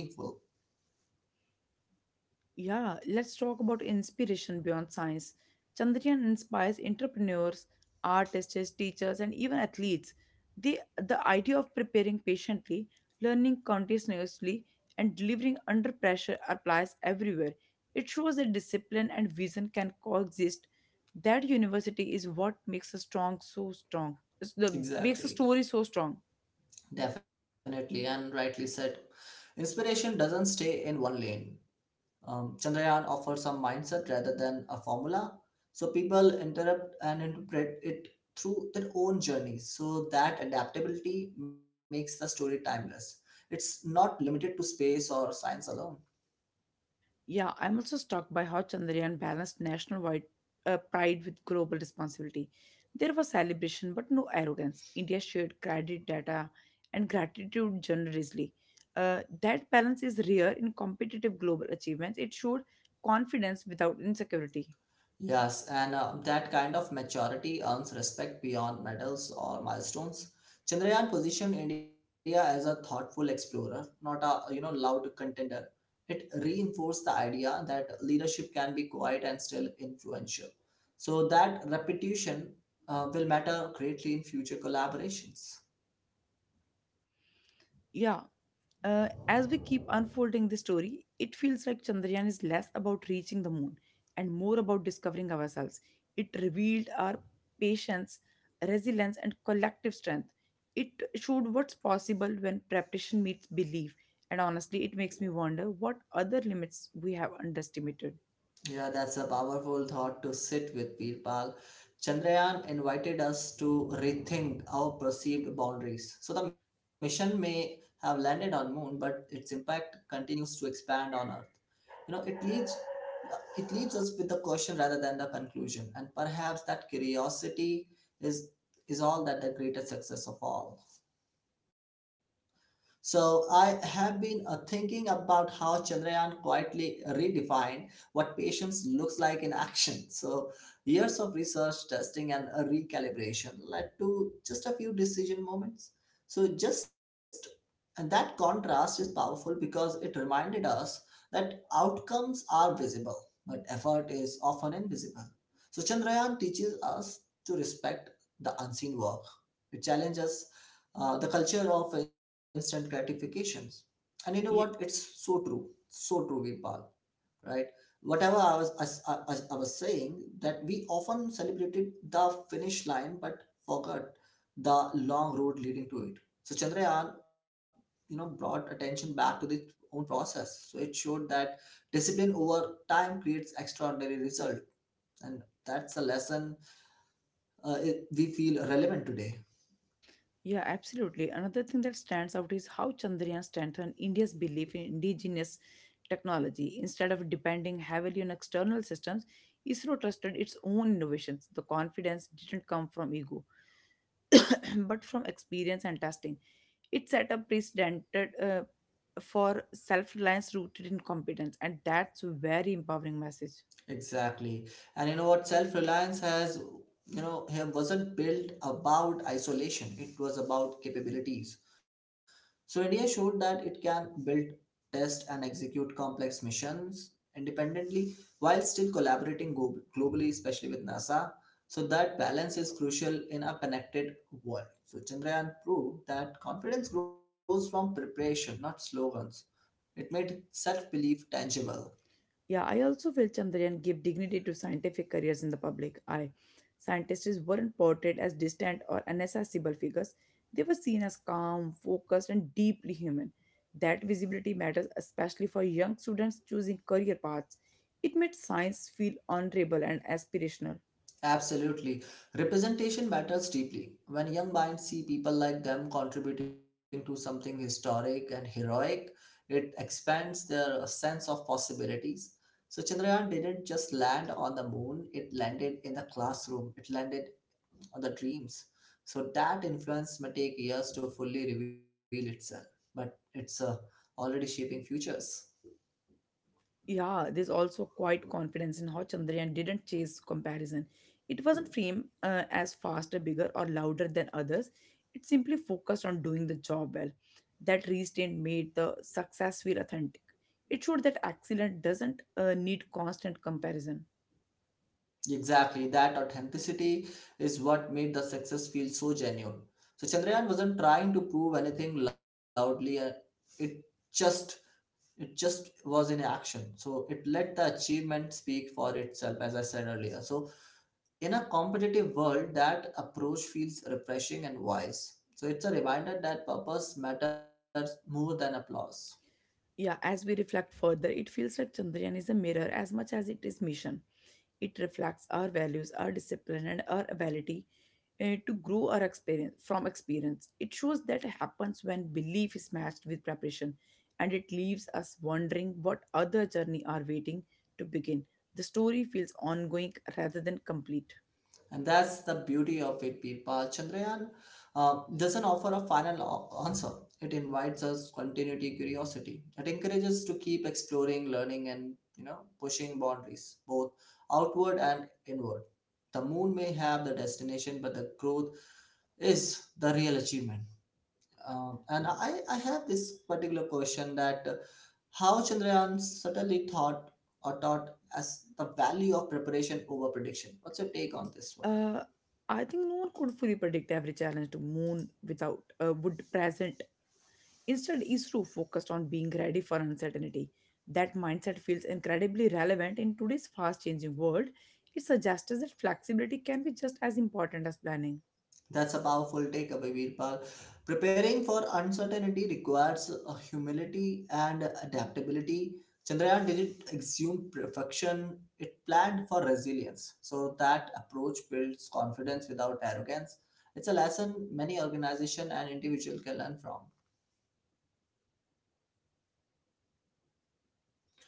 Speaker 1: Yeah, let's talk about inspiration beyond science. Chandrayaan inspires entrepreneurs, artists, teachers, and even athletes. The idea of preparing patiently, learning continuously, and delivering under pressure applies everywhere. It shows that discipline and vision can coexist. That university is what makes a strong so strong. The, makes a
Speaker 2: Exactly,
Speaker 1: story so strong.
Speaker 2: definitely, and rightly said. Inspiration doesn't stay in one lane. Chandrayaan offers a mindset rather than a formula. So people interrupt and interpret it through their own journeys. So that adaptability makes the story timeless. It's not limited to space or science alone.
Speaker 1: Yeah, I'm also struck by how Chandrayaan balanced national wide pride with global responsibility. There was celebration, but no arrogance. India shared credit data and gratitude generously. That balance is rare in competitive global achievements. It showed confidence without insecurity.
Speaker 2: Yes, and that kind of maturity earns respect beyond medals or milestones. Chandrayaan positioned India as a thoughtful explorer, not a you know loud contender. It reinforced the idea that leadership can be quiet and still influential. So that repetition will matter greatly in future collaborations.
Speaker 1: Yeah, as we keep unfolding the story, it feels like Chandrayaan is less about reaching the moon and more about discovering ourselves. It revealed our patience, resilience, and collective strength. It showed what's possible when preparation meets belief. And honestly, it makes me wonder what other limits we have underestimated.
Speaker 2: Yeah, that's a powerful thought to sit with, Birpal. Chandrayaan invited us to rethink our perceived boundaries. So the mission may have landed on moon, but its impact continues to expand on Earth. You know, it leaves us with the question rather than the conclusion, and perhaps that curiosity is is all that the greatest success of all. So I have been thinking about how Chandrayaan quietly redefined what patience looks like in action. *laughs* So years of research, testing, and a recalibration led to just a few decision moments. So just and that contrast is powerful because it reminded us that outcomes are visible, but effort is often invisible. So Chandrayaan teaches us to respect the unseen work. It challenges the culture of instant gratifications. And you know what? It's so true, Vipal. Right? Whatever I was as I was saying, that we often celebrated the finish line, but forgot the long road leading to it. So Chandrayaan, you know, brought attention back to the own process. So it showed that discipline over time creates extraordinary result, and that's a lesson we feel relevant today.
Speaker 1: Yeah, absolutely. Another thing that stands out is how Chandrayaan strengthened India's belief in indigenous technology. Instead of depending heavily on external systems, ISRO trusted its own innovations. The confidence didn't come from ego, *clears throat* but from experience and testing. It set a precedent for self-reliance rooted in competence, and that's a very empowering message.
Speaker 2: Exactly. And you know what? Self-reliance has, you know, him wasn't built about isolation. It was about capabilities. So India showed that it can build, test, and execute complex missions independently while still collaborating globally, especially with NASA. So that balance is crucial in a connected world. So Chandrayaan proved that confidence grows from preparation, not slogans. It made self-belief tangible.
Speaker 1: Yeah, I also feel Chandrayaan gave dignity to scientific careers in the public eye. Scientists weren't portrayed as distant or inaccessible figures. They were seen as calm, focused, and deeply human. That visibility matters especially for young students choosing career paths. It made science feel honorable and aspirational.
Speaker 2: Absolutely. Representation matters deeply. When young minds see people like them contributing to something historic and heroic, it expands their sense of possibilities. So Chandrayaan didn't just land on the moon, it landed in the classroom, it landed on the dreams. So that influence may take years to fully reveal itself, but it's already shaping futures.
Speaker 1: Yeah, there's also quite confidence in how Chandrayaan didn't chase comparison. It wasn't framed as faster, bigger, or louder than others. It simply focused on doing the job well. That restraint made the success feel authentic. It showed that excellence doesn't need constant comparison.
Speaker 2: Exactly, that authenticity is what made the success feel so genuine. So Chandrayaan wasn't trying to prove anything loudly. It just it just was in action. So it let the achievement speak for itself, as I said earlier. So in a competitive world, that approach feels refreshing and wise. So it's a reminder that purpose matters more than applause.
Speaker 1: Yeah, as we reflect further, it feels like Chandrayaan is a mirror as much as it is mission. It reflects our values, our discipline, and our ability to grow our experience from experience. It shows that happens when belief is matched with preparation, and it leaves us wondering what other journey are waiting to begin. The story feels ongoing rather than complete.
Speaker 2: And that's the beauty of it, Birpa. Chandrayaan doesn't offer a final answer. It invites us continuity, curiosity. It encourages to keep exploring, learning, and you know, pushing boundaries, both outward and inward. The moon may have the destination, but the growth is the real achievement. And I have this particular question that how Chandrayaan subtly thought or taught as the value of preparation over prediction. What's your take on this one?
Speaker 1: Uh, I think no one could fully predict every challenge to moon without would present Instead, ISRO focused on being ready for uncertainty. That mindset feels incredibly relevant in today's fast changing world. It suggests that flexibility can be just as important as planning.
Speaker 2: That's a powerful takeaway, Virpal. Preparing for uncertainty requires humility and adaptability. Chandrayaan didn't assume perfection, it planned for resilience. So that approach builds confidence without arrogance. It's a lesson many organizations and individuals can learn from.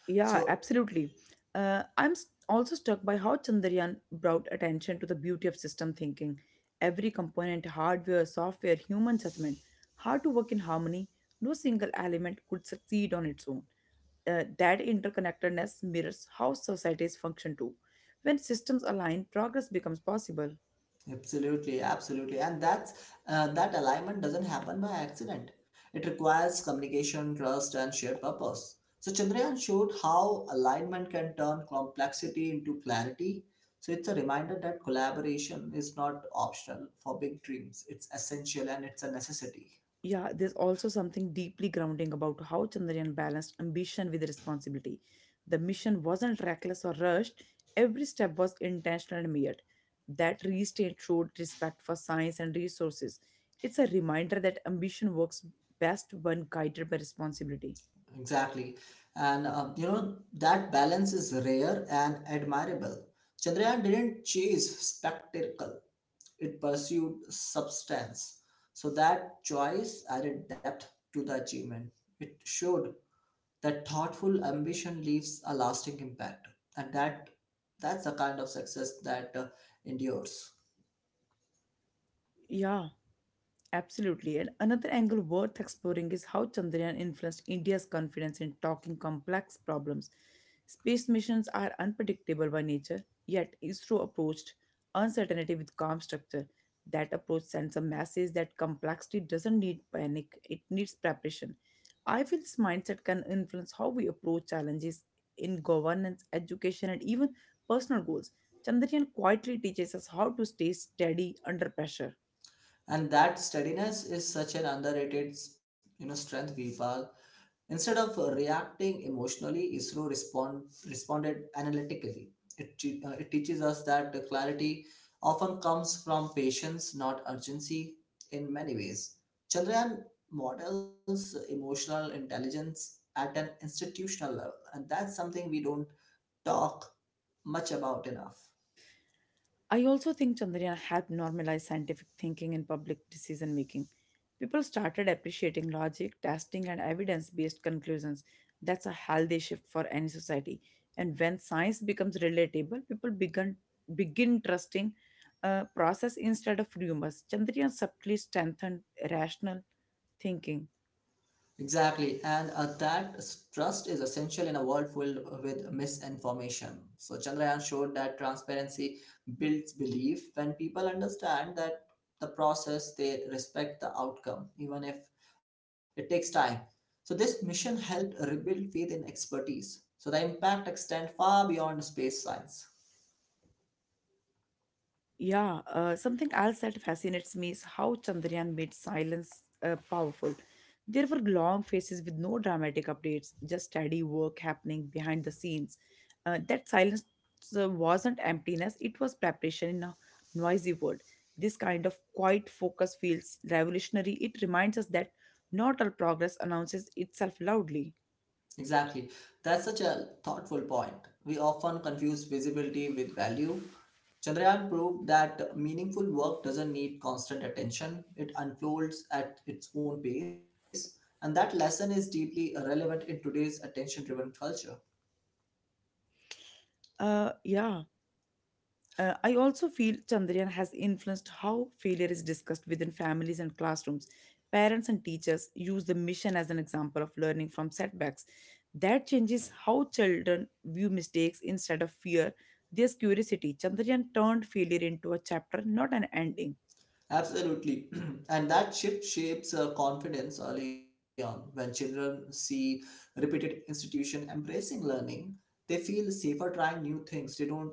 Speaker 1: Yeah,
Speaker 2: So
Speaker 1: absolutely. Also struck by how Chandrayaan brought attention to the beauty of system thinking. Every component, hardware, software, human judgment, how to work in harmony, no single element could succeed on its own. That interconnectedness mirrors how societies function too. When systems align, progress becomes possible.
Speaker 2: absolutely, absolutely. And that's That alignment doesn't happen by accident. It requires communication, trust, and shared purpose. So Chandrayaan showed how alignment can turn complexity into clarity. So it's a reminder that collaboration is not optional for big dreams. It's essential and it's a necessity.
Speaker 1: Yeah, there's also something deeply grounding about how Chandrayaan balanced ambition with responsibility. The mission wasn't reckless or rushed, every step was intentional and measured. That restraint showed respect for science and resources. It's a reminder that ambition works best when guided by responsibility.
Speaker 2: Exactly. That balance is rare and admirable. Chandrayaan didn't chase spectacle, it pursued substance. So that choice added depth to the achievement. It showed that thoughtful ambition leaves a lasting impact. And that's the kind of success that endures.
Speaker 1: Yeah. Absolutely. And another angle worth exploring is how Chandrayaan influenced India's confidence in talking complex problems. Space missions are unpredictable by nature, yet ISRO approached uncertainty with calm structure. That approach sends a message that complexity doesn't need panic, it needs preparation. I feel this mindset can influence how we approach challenges in governance, education, and even personal goals. Chandrayaan quietly teaches us how to stay steady under pressure.
Speaker 2: And that steadiness is such an underrated, strength, Vipal. Instead of reacting emotionally, ISRO responded analytically. It teaches us that the clarity often comes from patience, not urgency, in many ways. Chandrayaan models emotional intelligence at an institutional level, and that's something we don't talk much about enough.
Speaker 1: I also think Chandrayaan helped normalize scientific thinking in public decision making. People started appreciating logic, testing, and evidence based conclusions. That's a healthy shift for any society. And when science becomes relatable, begin trusting process instead of rumors. Chandrayaan subtly strengthened rational thinking.
Speaker 2: Exactly, and trust is essential in a world filled with misinformation. So, Chandrayaan showed that transparency builds belief when people understand that the process, they respect the outcome, even if it takes time. So, this mission helped rebuild faith in expertise. So, the impact extends far beyond space science.
Speaker 1: Yeah, Something else that fascinates me is how Chandrayaan made silence powerful. There were long phases with no dramatic updates, just steady work happening behind the scenes. That silence wasn't emptiness, it was preparation in a noisy world. This kind of quiet focus feels revolutionary. It reminds us that not all progress announces itself loudly.
Speaker 2: Exactly. That's such a thoughtful point. We often confuse visibility with value. Chandrayaan proved that meaningful work doesn't need constant attention, it unfolds at its own pace, and that lesson is deeply relevant in today's attention driven culture.
Speaker 1: Yeah. I also feel Chandrayaan has influenced how failure is discussed within families and classrooms. Parents and teachers use the mission as an example of learning from setbacks. That changes how children view mistakes instead of fear. There's curiosity. Chandrayaan turned failure into a chapter, not an ending.
Speaker 2: Absolutely. *clears throat* And that shift shapes confidence early on. When children see repeated institution embracing learning, they feel safer trying new things. They don't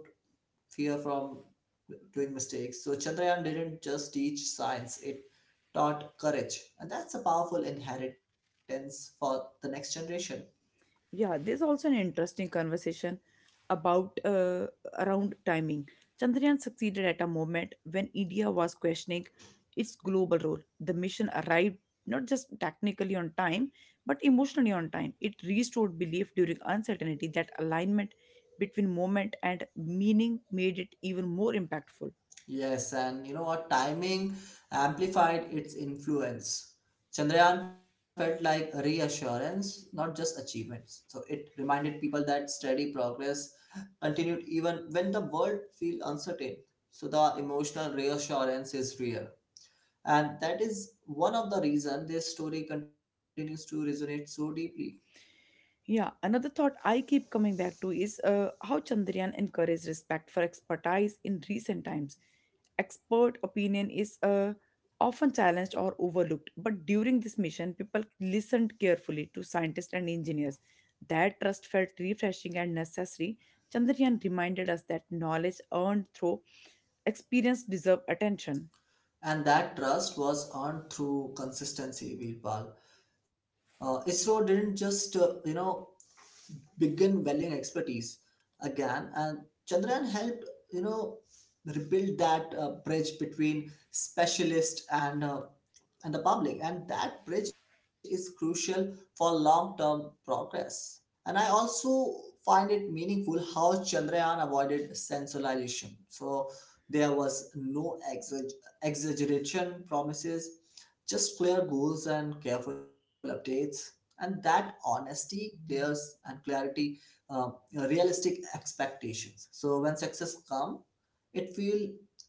Speaker 2: fear from doing mistakes. So Chandrayaan didn't just teach science, it taught courage. And that's a powerful inheritance for the next generation.
Speaker 1: Yeah, there's also an interesting conversation about around timing. Chandrayaan succeeded at a moment when India was questioning its global role. The mission arrived not just technically on time, but emotionally on time. It restored belief during uncertainty that alignment between moment and meaning made it even more impactful.
Speaker 2: Yes, and you know what? Timing amplified its influence. Chandrayaan felt like a reassurance, not just achievements. So it reminded people that steady progress continued even when the world feels uncertain. So the emotional reassurance is real. And that is one of the reason this story continues to resonate so deeply.
Speaker 1: Yeah, another thought I keep coming back to is how Chandrayaan encouraged respect for expertise in recent times. Expert opinion is often challenged or overlooked, but during this mission, people listened carefully to scientists and engineers. That trust felt refreshing and necessary. Chandrayaan reminded us that knowledge earned through experience deserve attention.
Speaker 2: And that trust was earned through consistency, Virpal. ISRO didn't just begin valuing expertise again. And Chandrayaan helped, you know rebuild that bridge between specialist and the public, and that bridge is crucial for long term progress. And I also find it meaningful how Chandrayaan avoided sensationalization. So there was no exaggeration promises, just clear goals and careful updates. And that honesty clears and clarity uh, realistic expectations, so when success come, it feel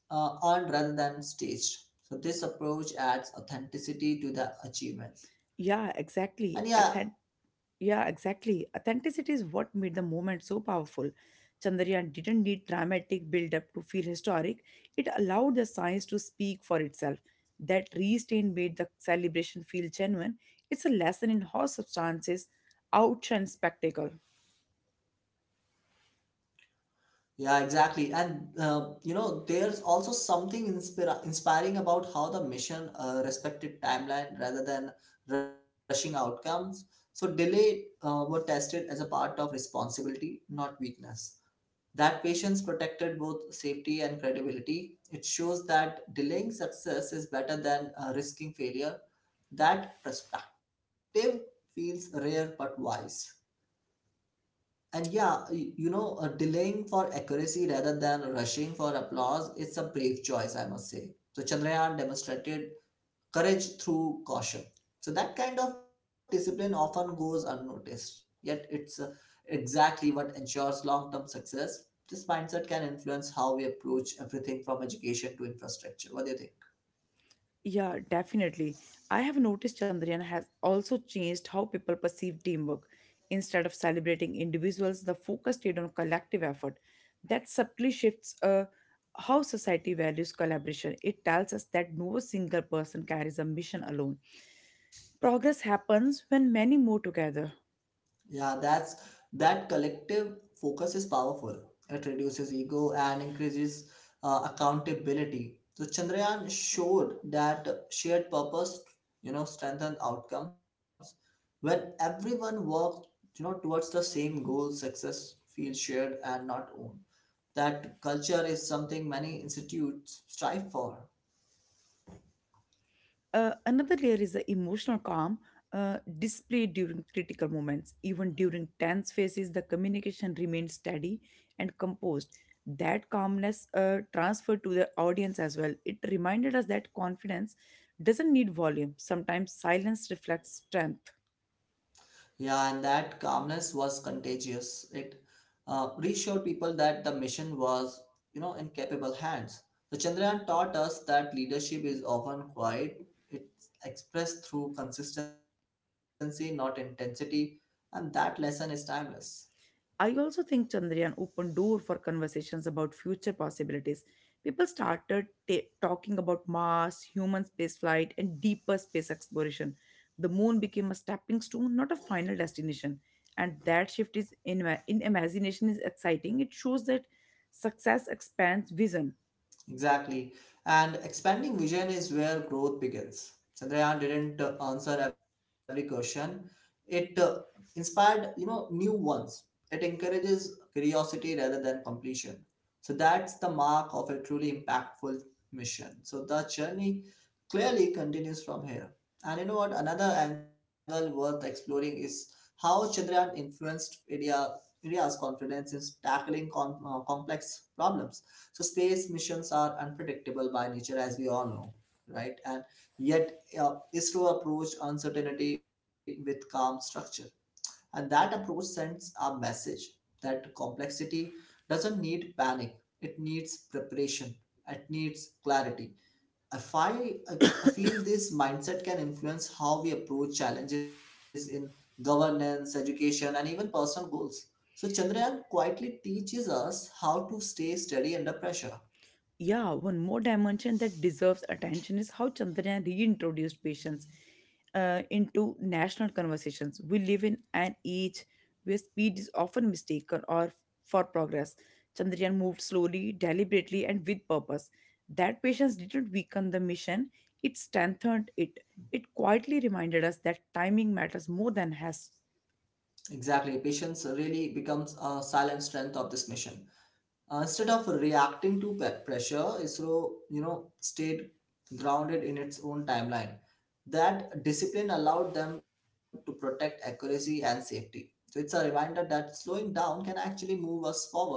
Speaker 2: earned rather than staged. So this approach adds authenticity to the achievements.
Speaker 1: Yeah,
Speaker 2: and yeah
Speaker 1: exactly. Yeah, exactly. Authenticity is what made the moment so powerful. Chandrayaan didn't need dramatic build up to feel historic, it allowed the science to speak for itself. That restraint made the celebration feel genuine. It's a lesson in how substances outshine spectacle.
Speaker 2: yeah Exactly, and there's also something inspiring about how the mission respected timeline rather than rushing outcomes. So delay were tested as a part of responsibility, not weakness. That patience protected both safety and credibility. It shows that delaying success is better than risking failure. That perspective feels rare but wise. And yeah, y- you know, Delaying for accuracy rather than rushing for applause, it's a brave choice, I must say. So Chandrayaan demonstrated courage through caution. So that kind of discipline often goes unnoticed, yet it's exactly what ensures long-term success. This mindset can influence how we approach everything from education to infrastructure. What do you think?
Speaker 1: Yeah, definitely. I have noticed Chandrayaan has also changed how people perceive teamwork. Instead of celebrating individuals, the focus stayed on collective effort. That subtly shifts how society values collaboration. It tells us that no single person carries a mission alone. Progress happens when many move together.
Speaker 2: Yeah, that's that collective focus is powerful. It reduces ego and increases accountability. So Chandrayaan showed that shared purpose, strengthens outcomes. When everyone works, towards the same goal, success feels shared and not owned. That culture is something many institutes strive for.
Speaker 1: Another layer is the emotional calm displayed during critical moments. Even during tense phases, the communication remains steady and composed. That calmness transferred to the audience as well. It reminded us that confidence doesn't need volume, sometimes silence reflects strength.
Speaker 2: Yeah, and that calmness was contagious. It reassured people that the mission was, in capable hands. So Chandrayaan taught us that leadership is often quiet. It's expressed through consistency, not intensity, and that lesson is timeless.
Speaker 1: I also think Chandrayaan opened door for conversations about future possibilities. People started talking about Mars, human spaceflight, and deeper space exploration. The moon became a stepping stone, not a final destination. And that shift in imagination is exciting. It shows that success expands vision.
Speaker 2: Exactly. And expanding vision is where growth begins. Chandrayaan didn't answer every question. It inspired, new ones. It encourages curiosity rather than completion. So that's the mark of a truly impactful mission. So the journey clearly continues from here. And you know what? Another angle worth exploring is how Chandrayaan influenced India's confidence in tackling complex problems. So space missions are unpredictable by nature, as we all know, right? And yet, ISRO approached uncertainty with calm structure, and that approach sends a message that complexity doesn't need panic; it needs preparation, it needs clarity. If I, I feel this mindset can influence how we approach challenges in governance, education, and even personal goals. So Chandrayaan quietly teaches us how to stay steady under pressure.
Speaker 1: Yeah, one more dimension that deserves attention is how Chandrayaan reintroduced patience into national conversations. We live in an age where speed is often mistaken or for progress. Chandrayaan moved slowly, deliberately, and with purpose. That patience didn't weaken the mission; it strengthened it. It quietly reminded us that timing matters more than has.
Speaker 2: Exactly. Patience really becomes a silent strength of this mission. Instead of reacting to pressure, ISRO, stayed grounded in its own timeline. That discipline allowed them to protect accuracy and safety. So it's a reminder that slowing down can actually move us forward.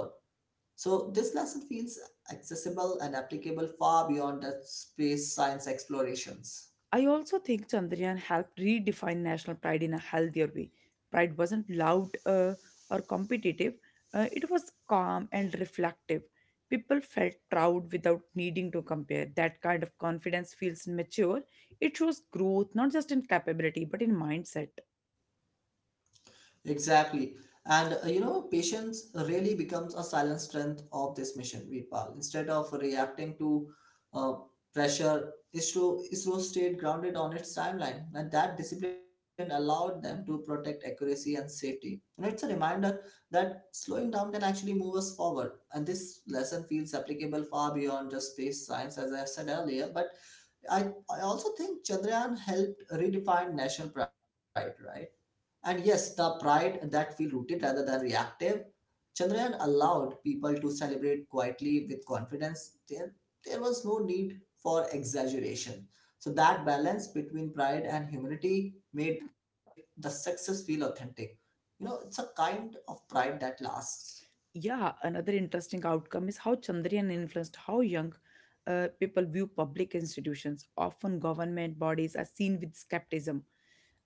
Speaker 2: So this lesson feels accessible and applicable far beyond the space science explorations.
Speaker 1: I also think Chandrayaan helped redefine national pride in a healthier way. Pride wasn't loud or competitive, it was calm and reflective. People felt proud without needing to compare. That kind of confidence feels mature. It shows growth, not just in capability, but in mindset.
Speaker 2: Exactly. And patience really becomes a silent strength of this mission, Veerpal. Instead of reacting to uh, pressure, ISRO stayed grounded on its timeline, and that discipline allowed them to protect accuracy and safety. And it's a reminder that slowing down can actually move us forward. And this lesson feels applicable far beyond just space science, as I said earlier. But I also think Chandrayaan helped redefine national pride, right? And yes, the pride that feel rooted rather than reactive. Chandrayaan allowed people to celebrate quietly with confidence. There was no need for exaggeration. So that balance between pride and humility made the success feel authentic. You know, it's a kind of pride that lasts.
Speaker 1: Yeah, another interesting outcome is how Chandrayaan influenced how young people view public institutions. Often, government bodies are seen with skepticism.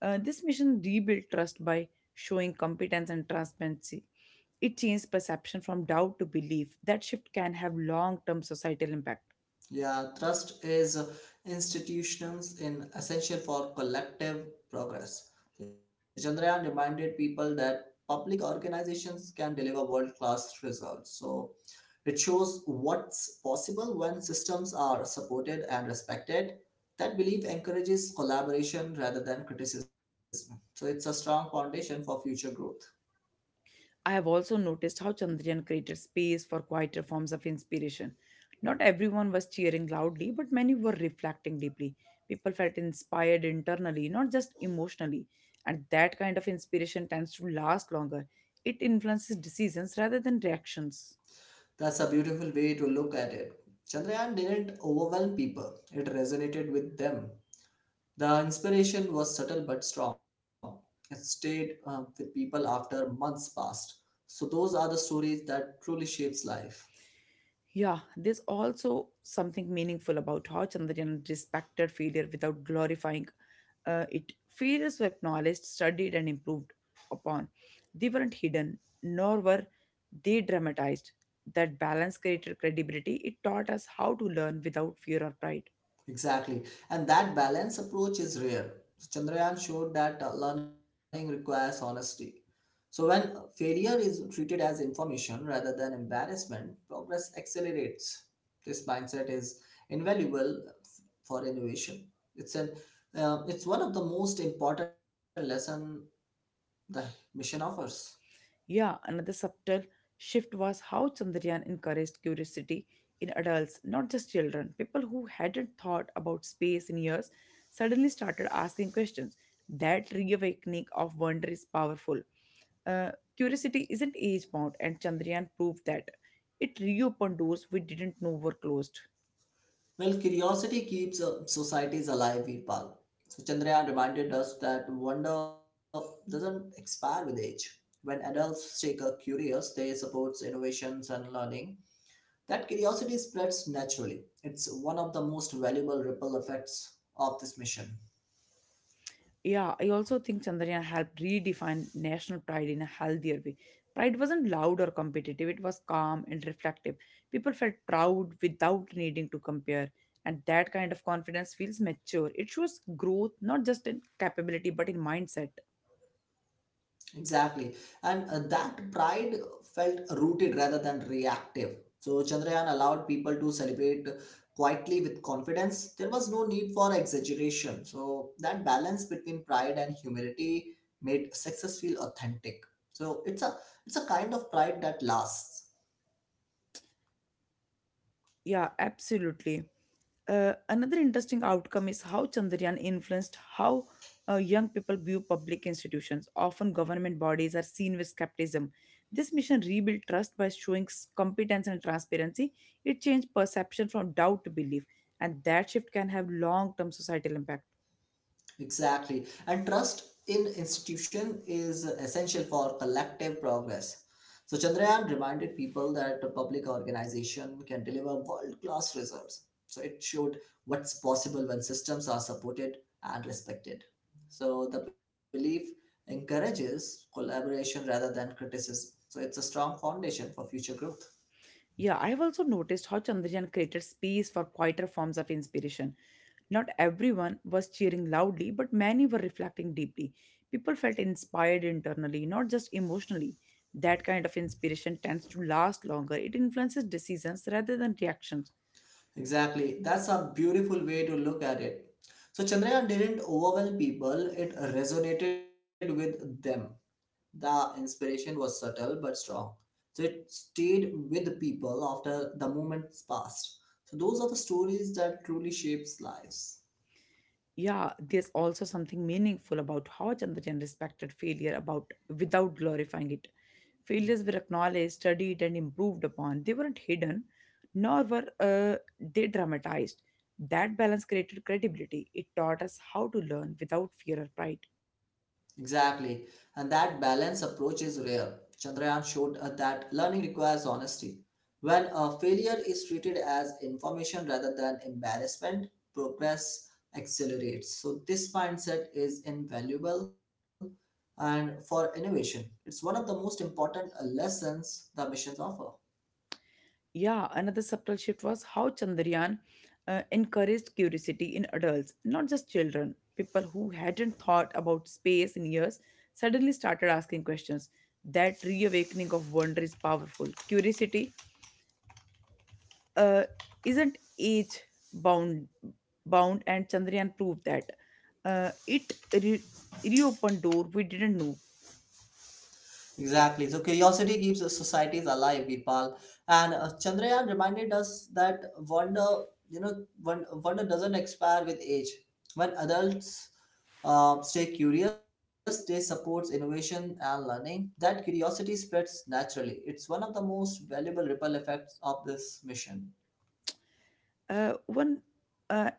Speaker 1: This mission rebuilt trust by showing competence and transparency. It changed perception from doubt to belief. That shift can have long term societal impact.
Speaker 2: Yeah, trust is institutions in essential for collective progress. So Chandrayaan reminded people that public organizations can deliver world-class results. So it shows what's possible when systems are supported and respected. That belief encourages collaboration rather than criticism. So it's a strong foundation for future growth.
Speaker 1: I have also noticed how Chandrayaan created space for quieter forms of inspiration. Not everyone was cheering loudly, but many were reflecting deeply. People felt inspired internally, not just emotionally. And that kind of inspiration tends to last longer. It influences decisions rather than reactions.
Speaker 2: That's a beautiful way to look at it. Chandrayaan didn't overwhelm people, it resonated with them. The inspiration was subtle but strong. It stayed with people after months passed. So those are the stories that truly shapes life.
Speaker 1: Yeah, there's also something meaningful about how Chandrayaan respected failure without glorifying it. Failures were acknowledged, studied, and improved upon. They weren't hidden, nor were they dramatized. That balance created credibility. It taught us how to learn without fear or pride.
Speaker 2: Exactly. And that balanced approach is rare. Chandrayaan showed that learning requires honesty. So when failure is treated as information rather than embarrassment, progress accelerates. This mindset is invaluable for innovation. It's an it's one of the most important lesson the mission offers.
Speaker 1: Yeah, another subtle shift was how Chandrayaan encouraged curiosity in adults, not just children. People who hadn't thought about space in years suddenly started asking questions. That reawakening of wonder is powerful. Uh, Curiosity isn't age bound, and Chandrayaan proved that. It reopened doors we didn't know were closed.
Speaker 2: Well, curiosity keeps societies alive, Virpal. So Chandrayaan reminded us that wonder doesn't expire with age. When adults stay curious, they supports innovations and learning. That curiosity spreads naturally. It's one of the most valuable ripple effects of this mission.
Speaker 1: Yeah, I also think Chandrayaan helped redefine national pride in a healthier way. Pride wasn't loud or competitive, it was calm and reflective. People felt proud without needing to compare, and that kind of confidence feels mature. It shows growth, not just in capability, but in mindset.
Speaker 2: Exactly. And that pride felt rooted rather than reactive. So Chandrayaan allowed people to celebrate quietly with confidence. There was no need for exaggeration. So that balance between pride and humility made success feel authentic. So it's a kind of pride that lasts.
Speaker 1: Yeah, absolutely. Another interesting outcome is how Chandrayaan influenced how young people view public institutions. Often, government bodies are seen with skepticism. This mission rebuilt trust by showing competence and transparency. It changed perception from doubt to belief, and that shift can have long term societal impact.
Speaker 2: Exactly. And trust in institution is essential for collective progress. So Chandrayaan reminded people that a public organization can deliver world-class results. So it showed what's possible when systems are supported and respected. So the belief encourages collaboration rather than criticism. So it's a strong foundation for future growth.
Speaker 1: Yeah, I have also noticed how Chandrayaan created space for quieter forms of inspiration. Not everyone was cheering loudly, but many were reflecting deeply. People felt inspired internally, not just emotionally. That kind of inspiration tends to last longer. It influences decisions rather than reactions.
Speaker 2: Exactly. That's a beautiful way to look at it. So Chandrayaan didn't overwhelm people, it resonated with them. The inspiration was subtle but strong. So it stayed with people after the moments passed. So those are the stories that truly shapes lives.
Speaker 1: Yeah, there's also something meaningful about how Chandrayaan respected failure about without glorifying it. Failures were acknowledged, studied, and improved upon. They weren't hidden, nor were they dramatized. That balance created credibility. It taught us how to learn without fear or pride.
Speaker 2: Exactly. And that balanced approach is rare. Chandrayaan showed that learning requires honesty. When a failure is treated as information rather than embarrassment, progress accelerates. So, this mindset is invaluable and for innovation. It's one of the most important lessons the missions offer.
Speaker 1: Yeah, another subtle shift was how Chandrayaan encouraged curiosity in adults, not just children. People who hadn't thought about space in years suddenly started asking questions. That reawakening of wonder is powerful. Curiosity uh, isn't age bound, bound, and Chandrayaan proved that. It reopened door we didn't know.
Speaker 2: Exactly. So curiosity keeps societies alive, Veerpal. And Chandrayaan reminded us that wonder, you know, wonder doesn't expire with age. When adults stay curious, they supports innovation and learning. That curiosity spreads naturally. It's one of the most valuable ripple effects of this mission.
Speaker 1: One. Uh,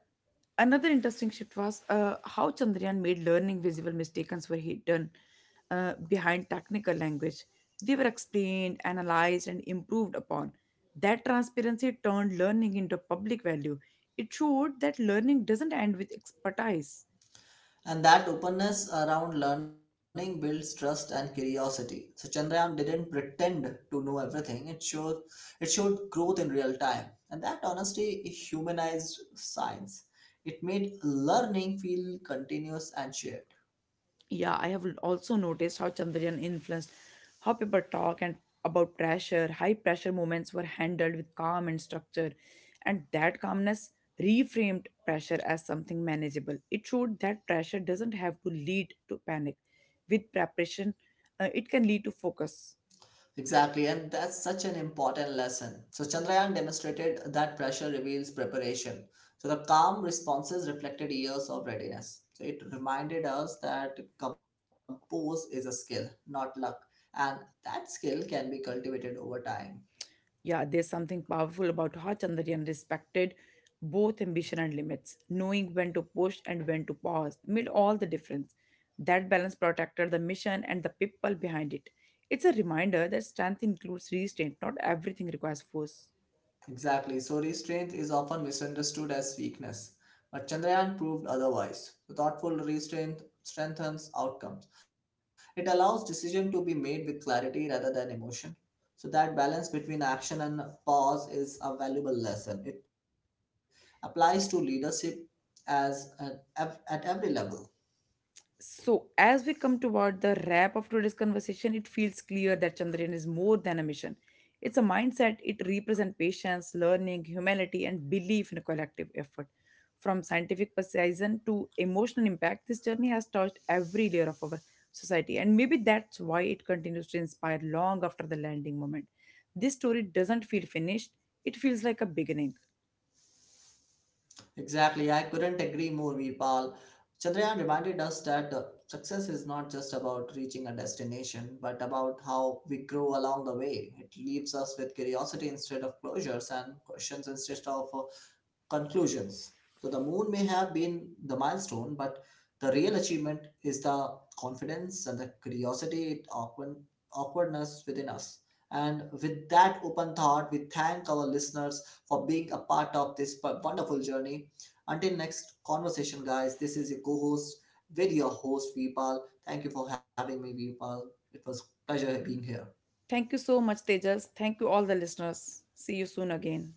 Speaker 1: Another interesting shift was how Chandrayaan made learning visible mistakes were hidden behind technical language. They were explained, analyzed, and improved upon. That transparency turned learning into a public value. It showed that learning doesn't end with expertise.
Speaker 2: And that openness around learning builds trust and curiosity. So Chandrayaan didn't pretend to know everything. It showed growth in real time. And that honesty humanized science. It made learning feel continuous and shared.
Speaker 1: Yeah, I have also noticed how Chandrayaan influenced how people talk and about pressure. High pressure moments were handled with calm and structure, and that calmness reframed pressure as something manageable. It showed that pressure doesn't have to lead to panic. With preparation, it can lead to focus.
Speaker 2: Exactly, and that's such an important lesson. So, Chandrayaan demonstrated that pressure reveals preparation. So, the calm responses reflected years of readiness. So, it reminded us that compose is a skill, not luck, and that skill can be cultivated over time.
Speaker 1: Yeah, there's something powerful about how Chandrayaan respected both ambition and limits, knowing when to push and when to pause made all the difference. That balance protected the mission and the people behind it. It's a reminder that strength includes restraint, not everything requires force.
Speaker 2: Exactly. So restraint is often misunderstood as weakness, but Chandrayaan proved otherwise. The thoughtful restraint strengthens outcomes. It allows decision to be made with clarity rather than emotion. So that balance between action and pause is a valuable lesson. It applies to leadership as an, at every level.
Speaker 1: So, as we come toward the wrap of today's conversation, it feels clear that Chandrayaan is more than a mission. It's a mindset. It represents patience, learning, humanity, and belief in a collective effort. From scientific precision to emotional impact, this journey has touched every layer of our society, and maybe that's why it continues to inspire long after the landing moment. This story doesn't feel finished, it feels like a beginning.
Speaker 2: Exactly, I couldn't agree more, Veerpal. Chandrayaan reminded us that success is not just about reaching a destination, but about how we grow along the way. It leaves us with curiosity instead of closures and questions instead of conclusions. So the moon may have been the milestone, but the real achievement is the confidence and the curiosity, awkwardness within us. And with that open thought, we thank our listeners for being a part of this wonderful journey. Until next conversation, guys, this is your co host with your host, Vipal. Thank you for having me, Vipal. It was pleasure being here.
Speaker 1: Thank you so much, Tejas. Thank you, all the listeners. See you soon again.